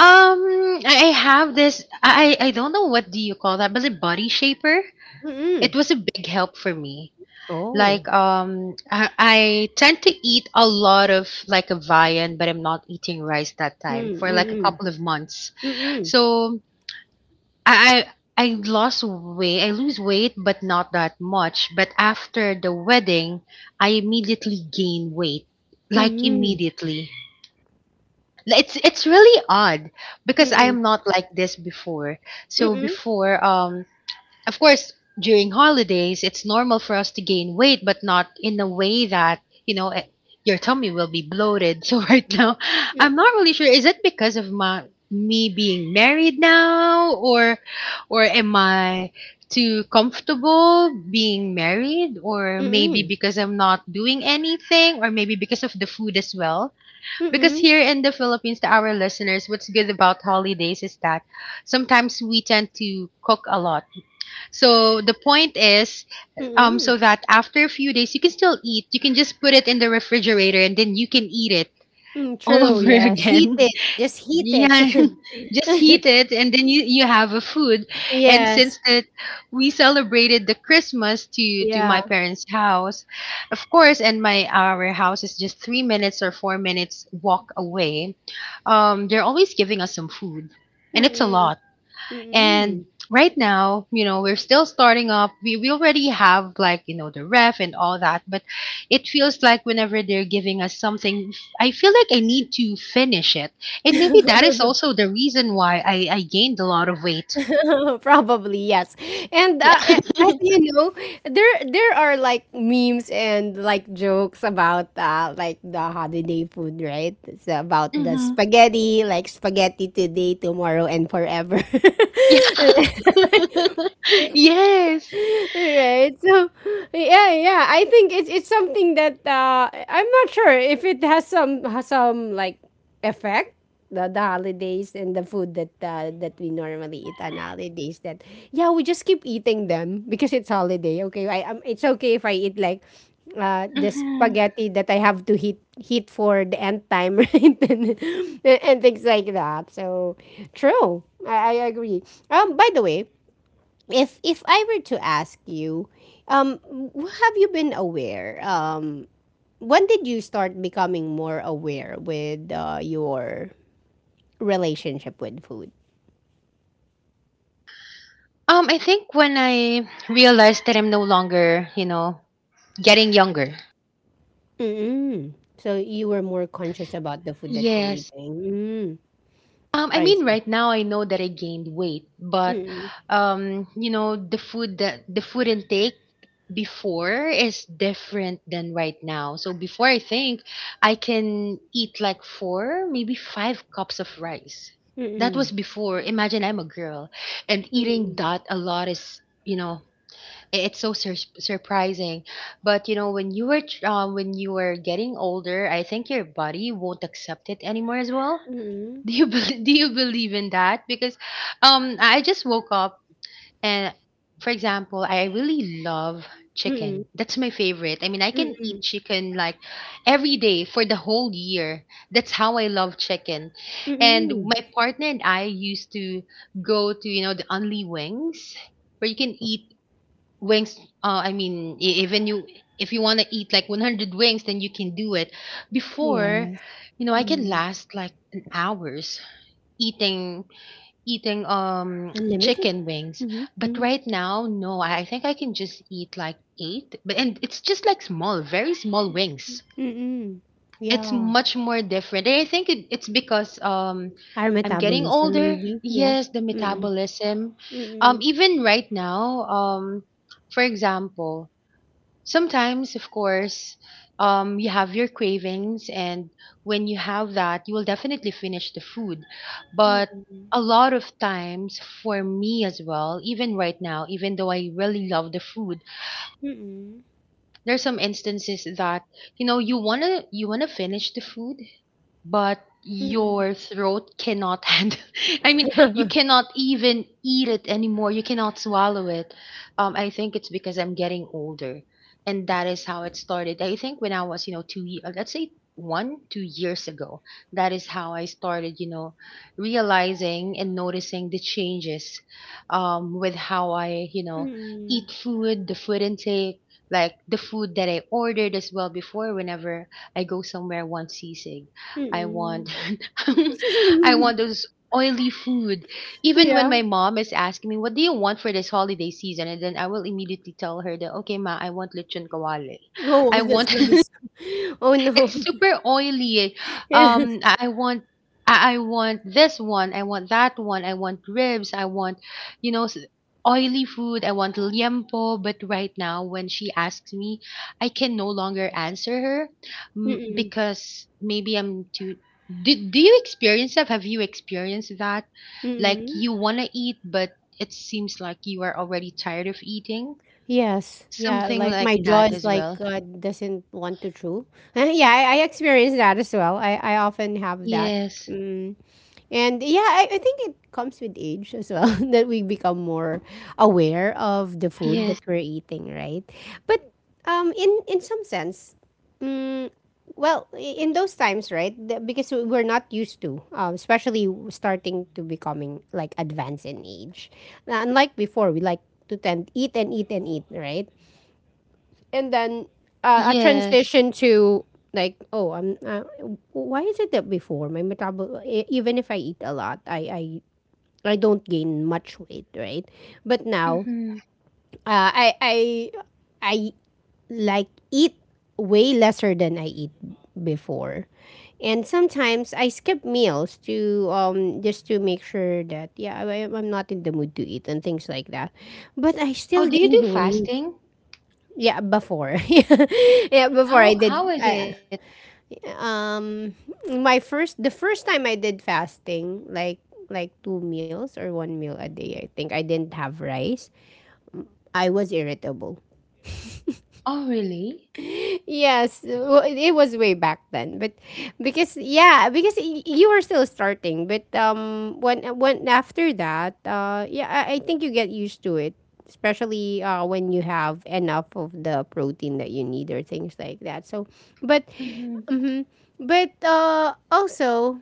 S2: um, I have this I don't know what do you call that, but a body shaper.
S1: Mm-mm.
S2: It was a big help for me.
S1: Oh.
S2: Like, I tend to eat a lot of like a viand, but I'm not eating rice that time for like a
S1: Mm-mm.
S2: couple of months. So I I lost weight. I lose weight, but not that much. But after the wedding, I immediately gain weight. Like
S1: Mhm.
S2: immediately. It's really odd because I
S1: Mm.
S2: am not like this before. So
S1: Mm.
S2: before, of course, during holidays, it's normal for us to gain weight, but not in a way that, you know, eh, your tummy will be bloated. So right now,
S1: Mm.
S2: I'm not really sure. Is it because of my me being married now, or am I too comfortable being married, or maybe
S1: Mm.
S2: because I'm not doing anything, or maybe because of the food as well? Because
S1: Mm.
S2: here in the Philippines to our listeners, what's good about holidays is that sometimes we tend to cook a lot, so the point is,
S1: Mm.
S2: so that after a few days you can still eat. You can just put it in the refrigerator and then you can eat it
S1: Mm.
S2: all
S1: true,
S2: over
S1: yes. Heat
S2: again.
S1: it. Just heat
S2: Yeah,
S1: it.
S2: just heat it and then you have a food. And since
S1: Yes.
S2: that we celebrated the Christmas to
S1: Yeah.
S2: my parents' house, of course, and my our house is just 3 minutes or 4 minutes walk away. They're always giving us some food, and it's a
S1: Mm.
S2: lot, and
S1: Mm.
S2: right now, we're still starting up. We already have like, the ref and all that, but it feels like whenever they're giving us something, I feel like I need to finish it. And maybe that is also the reason why I gained a lot of weight.
S1: Probably, yes. And,
S2: Yeah.
S1: as you know, there are, like, memes and, like, jokes about, like, the holiday food, right? It's about the
S2: Hmm.
S1: spaghetti, like, spaghetti today, tomorrow, and forever.
S2: Yeah. Yes.
S1: right, so yeah I think it's something that I'm not sure if it has some like effect, the holidays and the food that we normally eat on holidays, that yeah, we just keep eating them because it's holiday. Okay, I it's okay if I eat like the
S2: Hmm.
S1: spaghetti that I have to heat for the end time, right? And things like that. So true. I agree. By the way, if I were to ask you, have you been aware? When did you start becoming more aware with your relationship with food?
S2: I think when I realized that I'm no longer, getting younger.
S1: Mm-mm. So you were more conscious about the food that you're
S2: Yes.
S1: eating. Mm,
S2: I
S1: I
S2: mean,
S1: see.
S2: right now I know that I gained weight, but
S1: Mm-mm.
S2: the food intake before is different than right now. So before I think I can eat like 4, maybe 5 cups of rice. That
S1: Mm-mm.
S2: was before. Imagine I'm a girl and eating
S1: Mm-mm.
S2: that a lot is, it's so surprising. But when you were getting older, I think your body won't accept it anymore as well. Do you bel Do you believe in that? Because I just woke up and for example, I really love
S1: Mm-mm. Mm-mm.
S2: chicken. That's my favorite. I mean, I can
S1: Mm-mm.
S2: eat chicken like every day for the whole year. That's how I love chicken. And
S1: Mm-mm.
S2: my partner and I used to go to, the Only Wings where you can eat wings. I mean, even you, if you want to eat like 100 wings, then you can do it. Before,
S1: Yes.
S2: I can
S1: Mm.
S2: last like an hours eating eating
S1: Unlimited.
S2: chicken wings,
S1: Mm-hmm.
S2: but
S1: Mm-hmm.
S2: right now, no, I think I can just eat like 8, but and it's just like small, very small wings.
S1: Mm-mm.
S2: It's
S1: Yeah.
S2: much more different, and I think it's because
S1: Our
S2: I'm getting
S1: metabolism,
S2: older.
S1: maybe. Yeah.
S2: Yes, the
S1: Mm-mm.
S2: metabolism.
S1: Mm,
S2: Even right now, for example, sometimes, of course, you have your cravings, and when you have that, you will definitely finish the food. But
S1: mm,
S2: a lot of times, for me as well, even right now, even though I really love the food,
S1: mm, mm,
S2: there's some instances that you wanna finish the food, but your throat cannot handle. I mean, you cannot even eat it anymore. You cannot swallow it. I think it's because I'm getting older, and that is how it started. I think when I was let's say 1 2 years ago. That is how I started, realizing and noticing the changes with how I
S1: mm,
S2: eat food, the food intake, like the food that I ordered as well before whenever I go somewhere, one sisig. I
S1: mm.
S2: want I want those oily food. Even when
S1: Yeah.
S2: my mom is asking me, "What do you want for this holiday season?" and then I will immediately tell her that, "Okay, ma, I want lechon kawali.
S1: Oh,
S2: I
S1: that's
S2: want
S1: nice. Oh, no.
S2: It's super oily. Um, I I want, I want this one. I want that one. I want ribs. I want, you know, s- oily food. I want liempo. But right now, when she asks me, I can no longer answer her,
S1: Mm,
S2: because maybe I'm too. Do you experience that? Have you experienced that? Like
S1: mm.
S2: you want to eat, but it seems like you are already tired of eating.
S1: Yes. Yeah,
S2: Something
S1: like
S2: like
S1: my jaw
S2: that
S1: is
S2: as
S1: like,
S2: well.
S1: doesn't want to chew. Yeah, I experience that as well. I often have that.
S2: Yes.
S1: Mm. And yeah, I think it comes with age as well, that we become more aware of the food
S2: Yes.
S1: that we're eating, right? But in some sense, mm, well, in those times, right? Because we're not used to, especially starting to becoming like advanced in age. Now, unlike before, we like to tend eat and eat and eat, right? And then a
S2: Yes.
S1: transition to, like, oh, I'm why is it that before my even if I eat a lot, I don't gain much weight, right? But now
S2: Mm-hmm.
S1: uh, i i I like eat way lesser than I eat before, and sometimes I skip meals to just to make sure that yeah, I'm not in the mood to eat and things like that, but I still
S2: Oh, do you
S1: gain
S2: do
S1: the weight.
S2: fasting?
S1: Yeah, before. Yeah, before I
S2: How
S1: did
S2: how is
S1: I,
S2: it?
S1: um my first the first time I did fasting, like two meals or one meal a day, I think I didn't have rice. I was irritable.
S2: Oh, really?
S1: Yes, well, it was way back then. But because yeah, because you were still starting, but when after that, yeah, I think you get used to it, especially when you have enough of the protein that you need or things like that. So, but
S2: Mm-hmm.
S1: mhm. But also,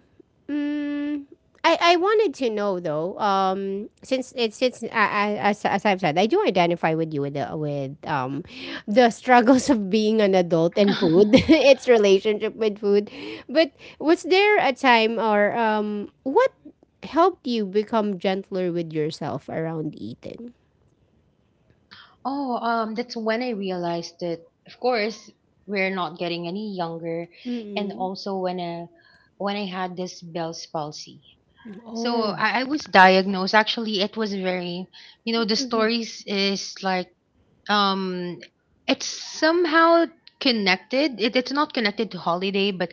S1: mm, I wanted to know, though, since it's since I, as I've said, I do identify with you with the struggles of being an adult and food, its relationship with food. But was there a time or what helped you become gentler with yourself around eating?
S2: Oh, that's when I realized that, of course, we're not getting any younger, and
S1: Mm-mm.
S2: also when I had this Bell's palsy. So
S1: Oh.
S2: I was diagnosed. Actually, it was very, you know, the
S1: Mm-mm.
S2: stories is like, um, it's somehow connected. It's not connected to holiday, but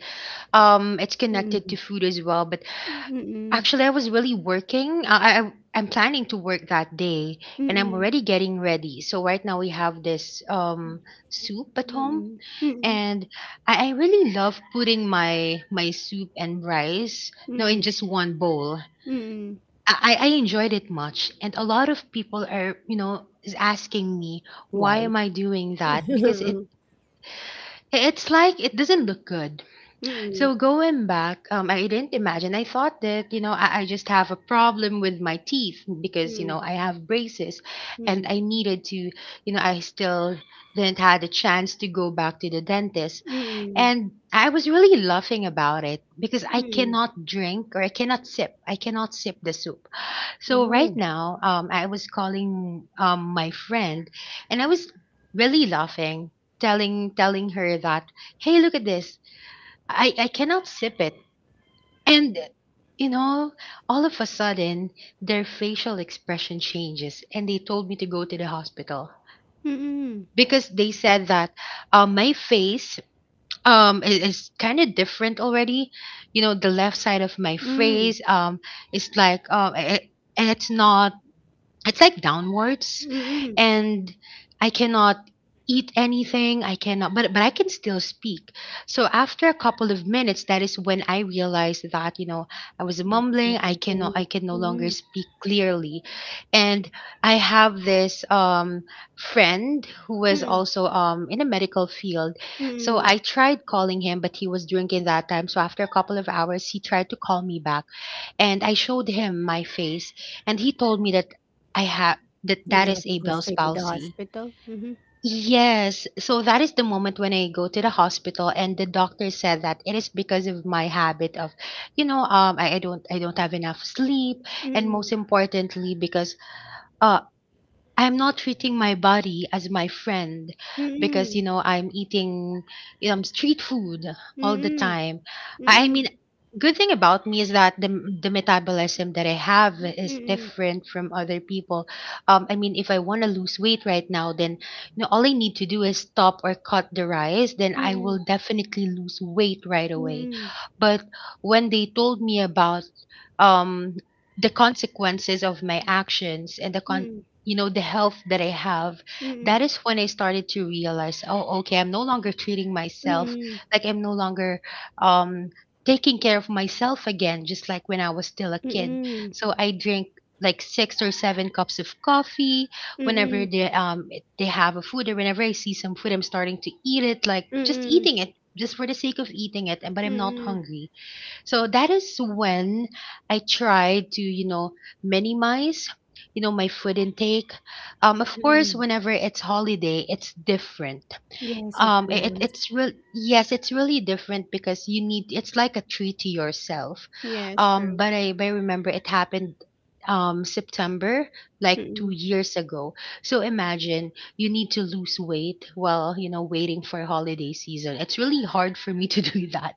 S2: it's connected to
S1: Mm-mm.
S2: food as well. But
S1: Mm-mm.
S2: actually, I was really working. I'm planning to work that day, and I'm
S1: Mm-mm.
S2: already getting ready. So right now we have this soup at home,
S1: Mm-mm. Mm-mm.
S2: and I really love putting my soup and rice no in
S1: Mm-mm.
S2: just one bowl.
S1: Mm-mm.
S2: I, I enjoyed it much, and a lot of people are you know is asking me why
S1: Why?
S2: am I doing that because it
S1: Mm-mm.
S2: it's like it doesn't look good.
S1: Mm-mm.
S2: So going back, I didn't imagine. I thought that you know I just have a problem with my teeth because you know I have braces, and I needed to you know I still didn't had a chance to go back to the dentist,
S1: Mm,
S2: and I was really laughing about it because I
S1: mm.
S2: cannot drink or I cannot sip. I cannot sip the soup. So right
S1: Oh.
S2: now, I was calling my friend, and I was really laughing, telling her that hey, look at this. I cannot sip it. And you know, all of a sudden their facial expression changes and they told me to go to the hospital
S1: Mm,
S2: because they said that my face is kind of different already. You know, the left side of my
S1: mm,
S2: face is like it it's not it's like downwards,
S1: mm.
S2: and I cannot eat anything. I cannot but but I can still speak. So after a couple of minutes, that is when I realized that you know I was
S1: What's that?
S2: mumbling.
S1: Okay.
S2: I can no longer
S1: Mhm,
S2: speak clearly, and I have this friend who was
S1: mm,
S2: also in the medical field. So
S1: hmm.
S2: I tried calling him, but he was drinking that time. So after a couple of hours, he tried to call me back, and I showed him my face, and he told me that I have
S1: You
S2: that is
S1: have to
S2: a
S1: go
S2: Bell's
S1: straight to the
S2: palsy.
S1: hospital? Mhm,
S2: Yes, so that is the moment when I go to the hospital, and the doctor said that it is because of my habit of, you know, I don't have enough sleep, and
S1: mm,
S2: most importantly because uh, I'm not treating my body as my friend because
S1: mm,
S2: you know I'm eating street food all the
S1: mm,
S2: time. I
S1: mm,
S2: mean, good thing about me is that the metabolism that I have is
S1: mm,
S2: different from other people. I mean, if I want to lose weight right now, then you know all I need to do is stop or cut the rice, then I
S1: mm,
S2: will definitely lose weight right
S1: mm,
S2: away.
S1: mm,
S2: But when they told me about um the consequences of my actions
S1: mm,
S2: you know the health that I have,
S1: mm,
S2: that is when I started to realize oh okay I'm no longer treating myself,
S1: mm,
S2: like I'm no longer um taking care of myself again just like when I was still a kid. So I drink like six or seven cups of coffee whenever
S1: mm,
S2: they have a food, or whenever I see some food I'm starting to eat it, like just
S1: mm,
S2: eating it just for the sake of eating it, and but I'm not
S1: mm.
S2: hungry. So that is when I tried to, you know, minimize, you know, my food intake. Of course,
S1: Hmm.
S2: whenever it's holiday, it's different.
S1: Yes, of course.
S2: It's real. Yes, it's really different because you need. It's like a treat to yourself.
S1: Yes, true.
S2: But I remember it happened September like 2
S1: Mm-mm.
S2: years ago. So imagine you need to lose weight while, you know, waiting for holiday season. It's really hard for me to do that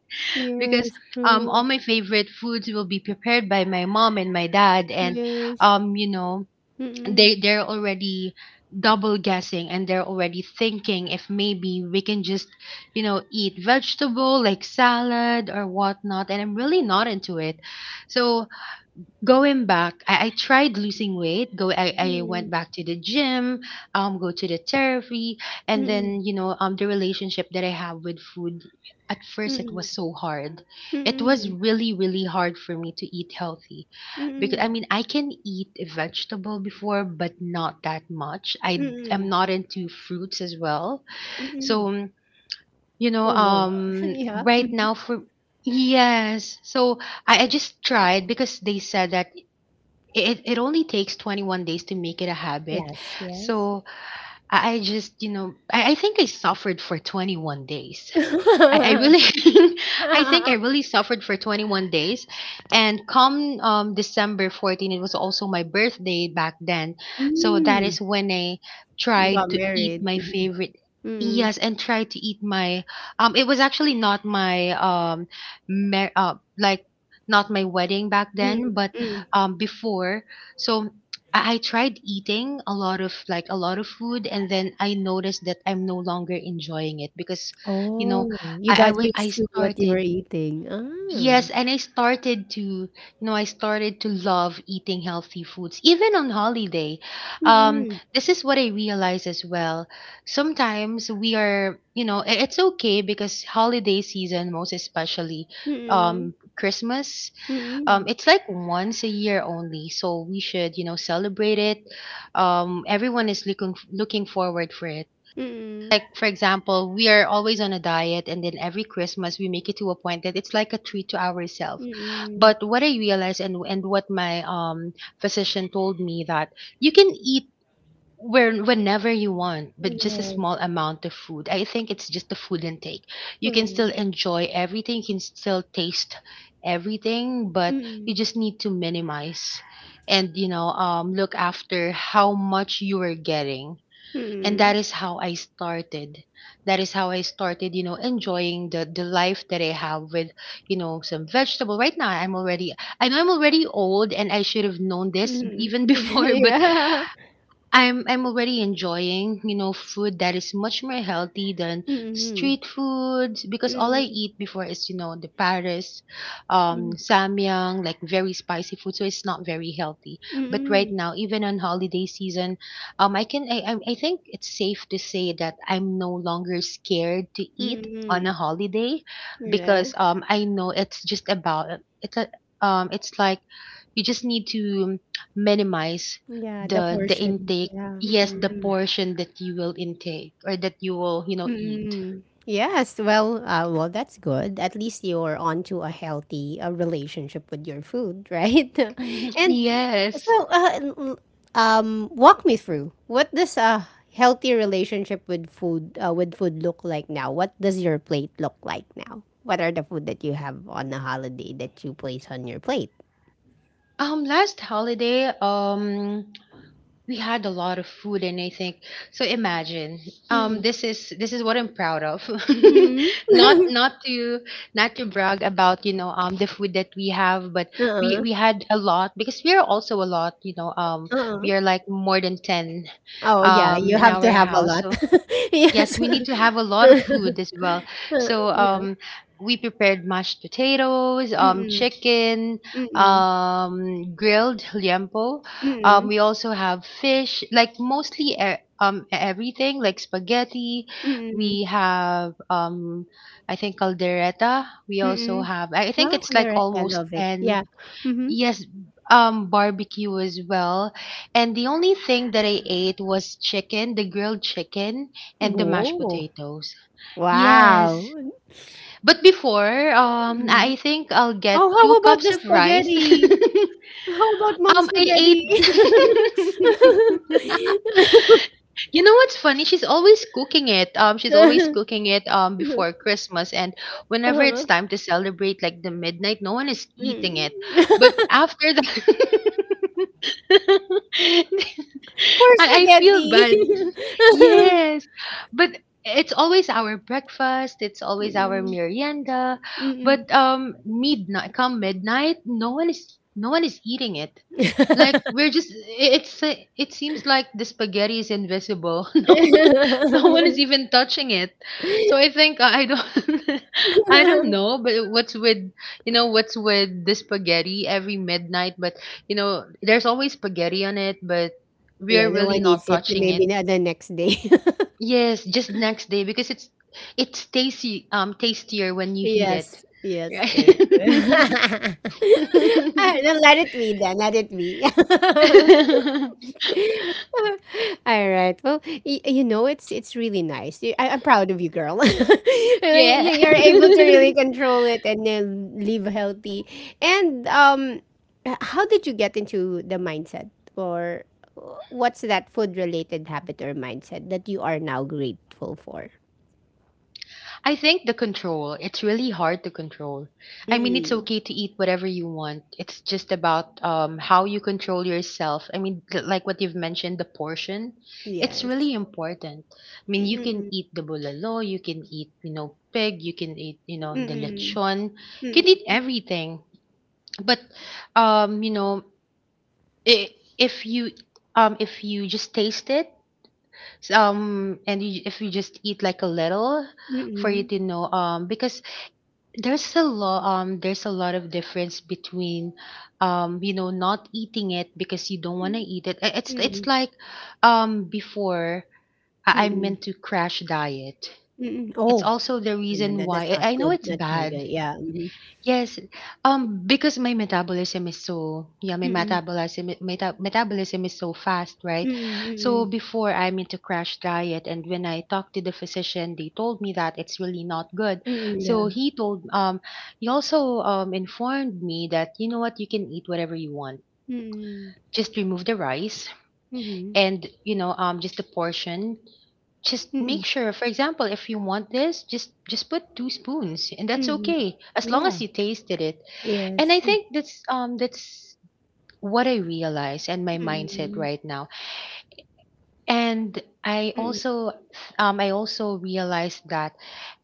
S2: because
S1: Yes,
S2: all
S1: true.
S2: my favorite foods will be prepared by my mom and my dad, and
S1: Yes.
S2: you know
S1: Mm-mm.
S2: they they're already double guessing and they're already thinking if maybe we can just you know eat vegetable like salad or whatnot, and I'm really not into it. So going back, I tried losing weight. I went
S1: Mm-mm.
S2: back to the gym, go to the therapy, and then
S1: Mm-mm.
S2: you know, the relationship that I have with food. At first, it was
S1: Mm-mm.
S2: so hard. It was
S1: Mm,
S2: really, really hard for me to eat healthy because I
S1: mm,
S2: mean, I can eat a vegetable before, but not that much. I am
S1: mm,
S2: not into fruits as well,
S1: mm.
S2: so you know,
S1: Oh, no. Yeah.
S2: right
S1: Mhm.
S2: now for yes, so I just tried because they said that it only takes 21 days to make it a habit.
S1: Yes, yes.
S2: So I just, you know, I think I suffered for 21 days. I really I think I really suffered for 21 days, and come December 14 it was also my birthday back then. So that
S1: Mm,
S2: is when I
S1: you
S2: tried
S1: got
S2: to eat
S1: married.
S2: my
S1: Mhm.
S2: favorite
S1: Mm,
S2: yes and tried to eat my it was actually not my like not my wedding back
S1: mm,
S2: then, but
S1: mm.
S2: before. so I I tried eating a lot of like a lot of food, and then I noticed that I'm no longer enjoying it because you know
S1: Oh, you got
S2: I
S1: used to what you were
S2: started
S1: eating.
S2: yes,
S1: Ah.
S2: and I started to you know I started to love eating healthy foods even on holiday. Um,
S1: Mm,
S2: this is what I realized as well. Sometimes we are you know it's okay because holiday season, most especially
S1: mm,
S2: Christmas,
S1: mm,
S2: it's like once a year only, so we should you know celebrate it. Everyone is looking forward for it
S1: mm, mm.
S2: like, for example, we are always on a diet, and then every Christmas we make it to a point that it's like a treat to ourselves. But what I realized, and what my physician told me that you can eat where whenever you want, but just a small
S1: Yes.
S2: amount of food. I think it's just the food intake. You can
S1: Mm,
S2: still enjoy everything, you can still taste everything, but
S1: mm,
S2: you just need to minimize and you know look after how much you are getting, and
S1: mm,
S2: that is how I started. That is how I started, you know, enjoying the life that I have with, you know, some vegetable. Right now, I know I'm already old, and I should have known this
S1: mm.
S2: even before, but
S1: Yeah.
S2: I'm already enjoying, you know, food that is much more healthy than
S1: Mm,
S2: street foods because all I
S1: mm, mm,
S2: eat before is, you know, the Paris,
S1: mm,
S2: samyang, like very spicy food, so it's not very healthy. But right now, even on holiday season, I can I think it's safe to say that I'm no longer scared to eat
S1: mm,
S2: on a
S1: mm.
S2: holiday
S1: Yes.
S2: because I know it's just about it's like you just need to minimize
S1: Yeah, the
S2: the
S1: portion.
S2: intake
S1: Yeah.
S2: yes the
S1: Mm-mm.
S2: portion that you will intake or that you will you know eat.
S1: Mm-mm. Yes. Well, well, that's good. At least you're onto a healthy relationship with your food, right?
S2: Mhm.
S1: And
S2: Yes,
S1: so, walk me through. What does a healthy relationship with food look like now? What does your plate look like now? What are the food that you have on a holiday that you place on your plate?
S2: last holiday we had a lot of food and I think so imagine
S1: Mm-mm.
S2: this is what I'm proud of.
S1: Mm-mm.
S2: not not to Not to brag about you know the food that we have, but
S1: uh-uh.
S2: we had a lot because we are also a lot you know
S1: Uh-uh.
S2: we are like more than 10
S1: Oh yeah, you
S2: in
S1: have to
S2: our
S1: have a
S2: house.
S1: lot.
S2: So yes,
S1: Yes.
S2: we need to have a lot of food as well. So
S1: Yeah.
S2: we prepared mashed potatoes,
S1: Mm-mm.
S2: chicken,
S1: Mm-mm.
S2: grilled liempo.
S1: Mm-mm.
S2: We also have fish, like mostly everything, like spaghetti.
S1: Mm-mm.
S2: We have, I think, caldereta. We also
S1: Mm-mm.
S2: have, I think
S1: Wow,
S2: it's like
S1: colorette. I
S2: almost
S1: love it.
S2: 10.
S1: Yeah. Mm-hmm.
S2: Yes, barbecue as well. And the only thing that I ate was chicken, the grilled chicken, and the mashed
S1: Oh,
S2: potatoes. Yes.
S1: wow.
S2: But before,
S1: Mm-hmm.
S2: I think I'll
S1: Oh,
S2: get two
S1: how about
S2: cups
S1: the
S2: of rice.
S1: spaghetti? How about mom
S2: I
S1: spaghetti?
S2: ate you know what's funny? She's always cooking it. She's always
S1: uh-huh.
S2: cooking it before Christmas, and whenever it's time to celebrate, like the midnight, no one is
S1: Mm.
S2: eating it. But after that,
S1: Poor
S2: I feel
S1: spaghetti.
S2: bad. Yes, but it's always our breakfast. It's always our
S1: Mm-mm.
S2: merienda.
S1: Mm-mm.
S2: But midnight, come midnight, no one is eating it. Like we're just it's it seems like the spaghetti is invisible. No, no one is even touching it. So I think I don't I don't know, but what's with you know what's with the spaghetti every midnight? But you know there's always spaghetti on it, but
S1: Yeah,
S2: we're
S1: no
S2: really
S1: one needs
S2: not
S1: it.
S2: touching it.
S1: Maybe not the next day.
S2: Yes, just next day because it's tasty tastier when you heat
S1: Yes,
S2: it.
S1: yes, true,
S2: Right?
S1: true. Ah, no, let it be then. Let it be. All right. Well, you know, it's really nice. I'm proud of you, girl. Like,
S2: yeah.
S1: you're able to really control it and then live healthy. And how did you get into the mindset, or what's that food-related habit or mindset that you are now grateful for?
S2: I think the control, it's really hard to control. I mean, it's
S1: Mm-mm.
S2: okay to eat whatever you want. It's just about how you control yourself. I mean, like what you've mentioned, the portion, it's
S1: Yes.
S2: really important. I mean, you can
S1: Mm-mm.
S2: eat the bulalo, you can eat, you know, pig, you can eat, you know, the
S1: Mm-mm.
S2: lechon, you can eat everything. But, you know, I if you, if you just taste it, and if you just eat like a little, for you
S1: Mm-mm.
S2: to know because there's a lot of difference between you know not eating it because you don't want to
S1: Mm-mm.
S2: eat it it's
S1: Mm-mm.
S2: like before I
S1: Mm-mm.
S2: meant to crash diet.
S1: Mm-mm.
S2: It's
S1: Oh,
S2: also the
S1: no, no,
S2: reason
S1: no, that's
S2: why
S1: not
S2: I know
S1: good.
S2: it's
S1: That's not
S2: bad.
S1: good. Yeah.
S2: Yes, because my metabolism is so yeah, my
S1: Mm,
S2: metabolism metabolism is so fast, right?
S1: mm,
S2: So
S1: mm,
S2: before I'm into crash diet, and when I talked to the physician, they told me that it's really not good.
S1: mm,
S2: So
S1: yeah.
S2: he told he also informed me that you know what, you can eat whatever you want.
S1: Mm,
S2: Just remove the rice
S1: mhm,
S2: and you know just a portion. Just make
S1: mm,
S2: sure, for example, if you want this, just put two spoons and that's
S1: mhm.
S2: okay as long as
S1: Yeah.
S2: you tasted it. And I
S1: Yes.
S2: think that's what I realize and my mindset
S1: Mm,
S2: right now. And I
S1: mm,
S2: also I also realized that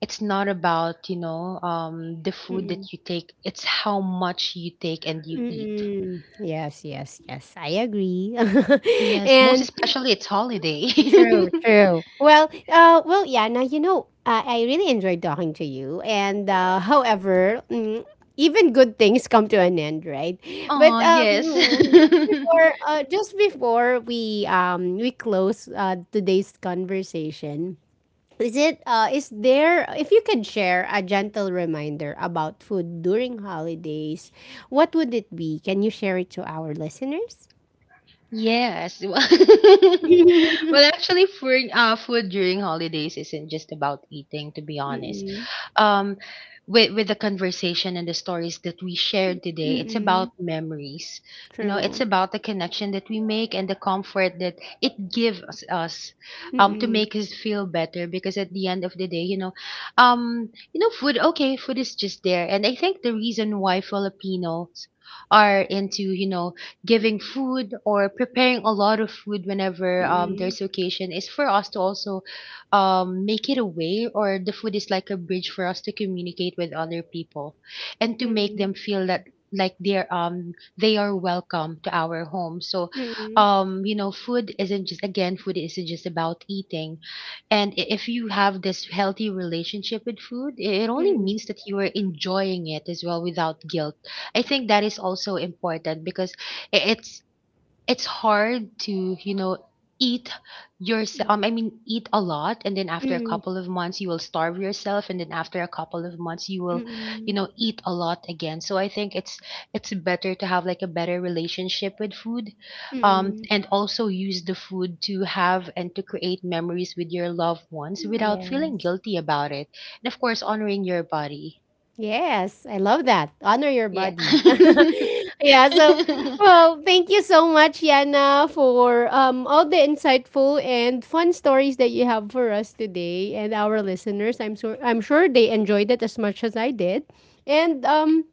S2: it's not about, you know, the food
S1: mm,
S2: that you take, it's how much you take and you eat.
S1: mm. Yes, yes, yes. I agree.
S2: Yes, most
S1: And
S2: especially it's holiday.
S1: true, true. Well, well, yeah. Now you know, I really enjoyed talking to you. And however, even good things come to an end, right?
S2: Oh,
S1: But
S2: yes.
S1: just before, uh, just before we close today's conversation, is there, if you could share a gentle reminder about food during holidays, what would it be? Can you share it to our listeners?
S2: Yes. Well, well actually for food during holidays isn't just about eating, to be honest.
S1: Mm-mm.
S2: Um with the conversation and the stories that we shared today, it's
S1: Mm-mm.
S2: about memories. You know, it's
S1: True.
S2: about the connection that we make and the comfort that it gives us, to
S1: Mm,
S2: make us feel better because at the end of the day, you know food okay, food is just there. And I think the reason why Filipinos are into you know giving food or preparing a lot of food whenever
S1: mm,
S2: there's occasion is for us to also make it a way or the food is like a bridge for us to communicate with other people and to make
S1: mm,
S2: them feel that like they're they are welcome to our home, so
S1: mm,
S2: you know food isn't just again food isn't just about eating. And if you have this healthy relationship with food, it only
S1: mm,
S2: means that you are enjoying it as well without guilt. I think that is also important because i- it's it's hard to you know eat yourself, I mean eat a lot and then after a
S1: mm,
S2: couple of months you will starve yourself and then after a couple of months you will you
S1: mm,
S2: know eat a lot again. So I think it's better to have like a better relationship with food,
S1: mm.
S2: and also use the food to have and to create memories with your loved ones without feeling
S1: Yes.
S2: guilty about it and of course honoring your body.
S1: Yes, I love that. Honor your
S2: Yeah.
S1: body. yeah, so well, thank you so much, Yana, for all the insightful and fun stories that you have for us today and our listeners. I'm sure they enjoyed it as much as I did. And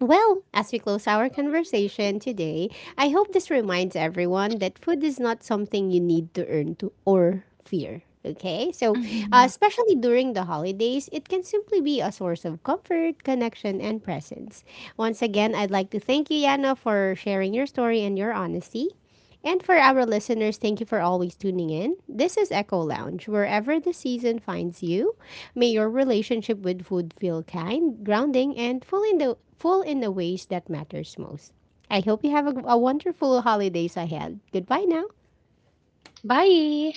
S1: well, as we close our conversation today, I hope this reminds everyone that food is not something you need to earn to or fear. Okay, so,
S2: Mhm.
S1: especially during the holidays, it can simply be a source of comfort, connection, and presence. Once again, I'd like to thank you, Yana, for sharing your story and your honesty. And for our listeners, thank you for always tuning in. This is Echo Lounge. Wherever the season finds you, may your relationship with food feel kind, grounding, and full in the ways that matters most. I hope you have a wonderful holidays ahead. Goodbye now.
S2: Bye.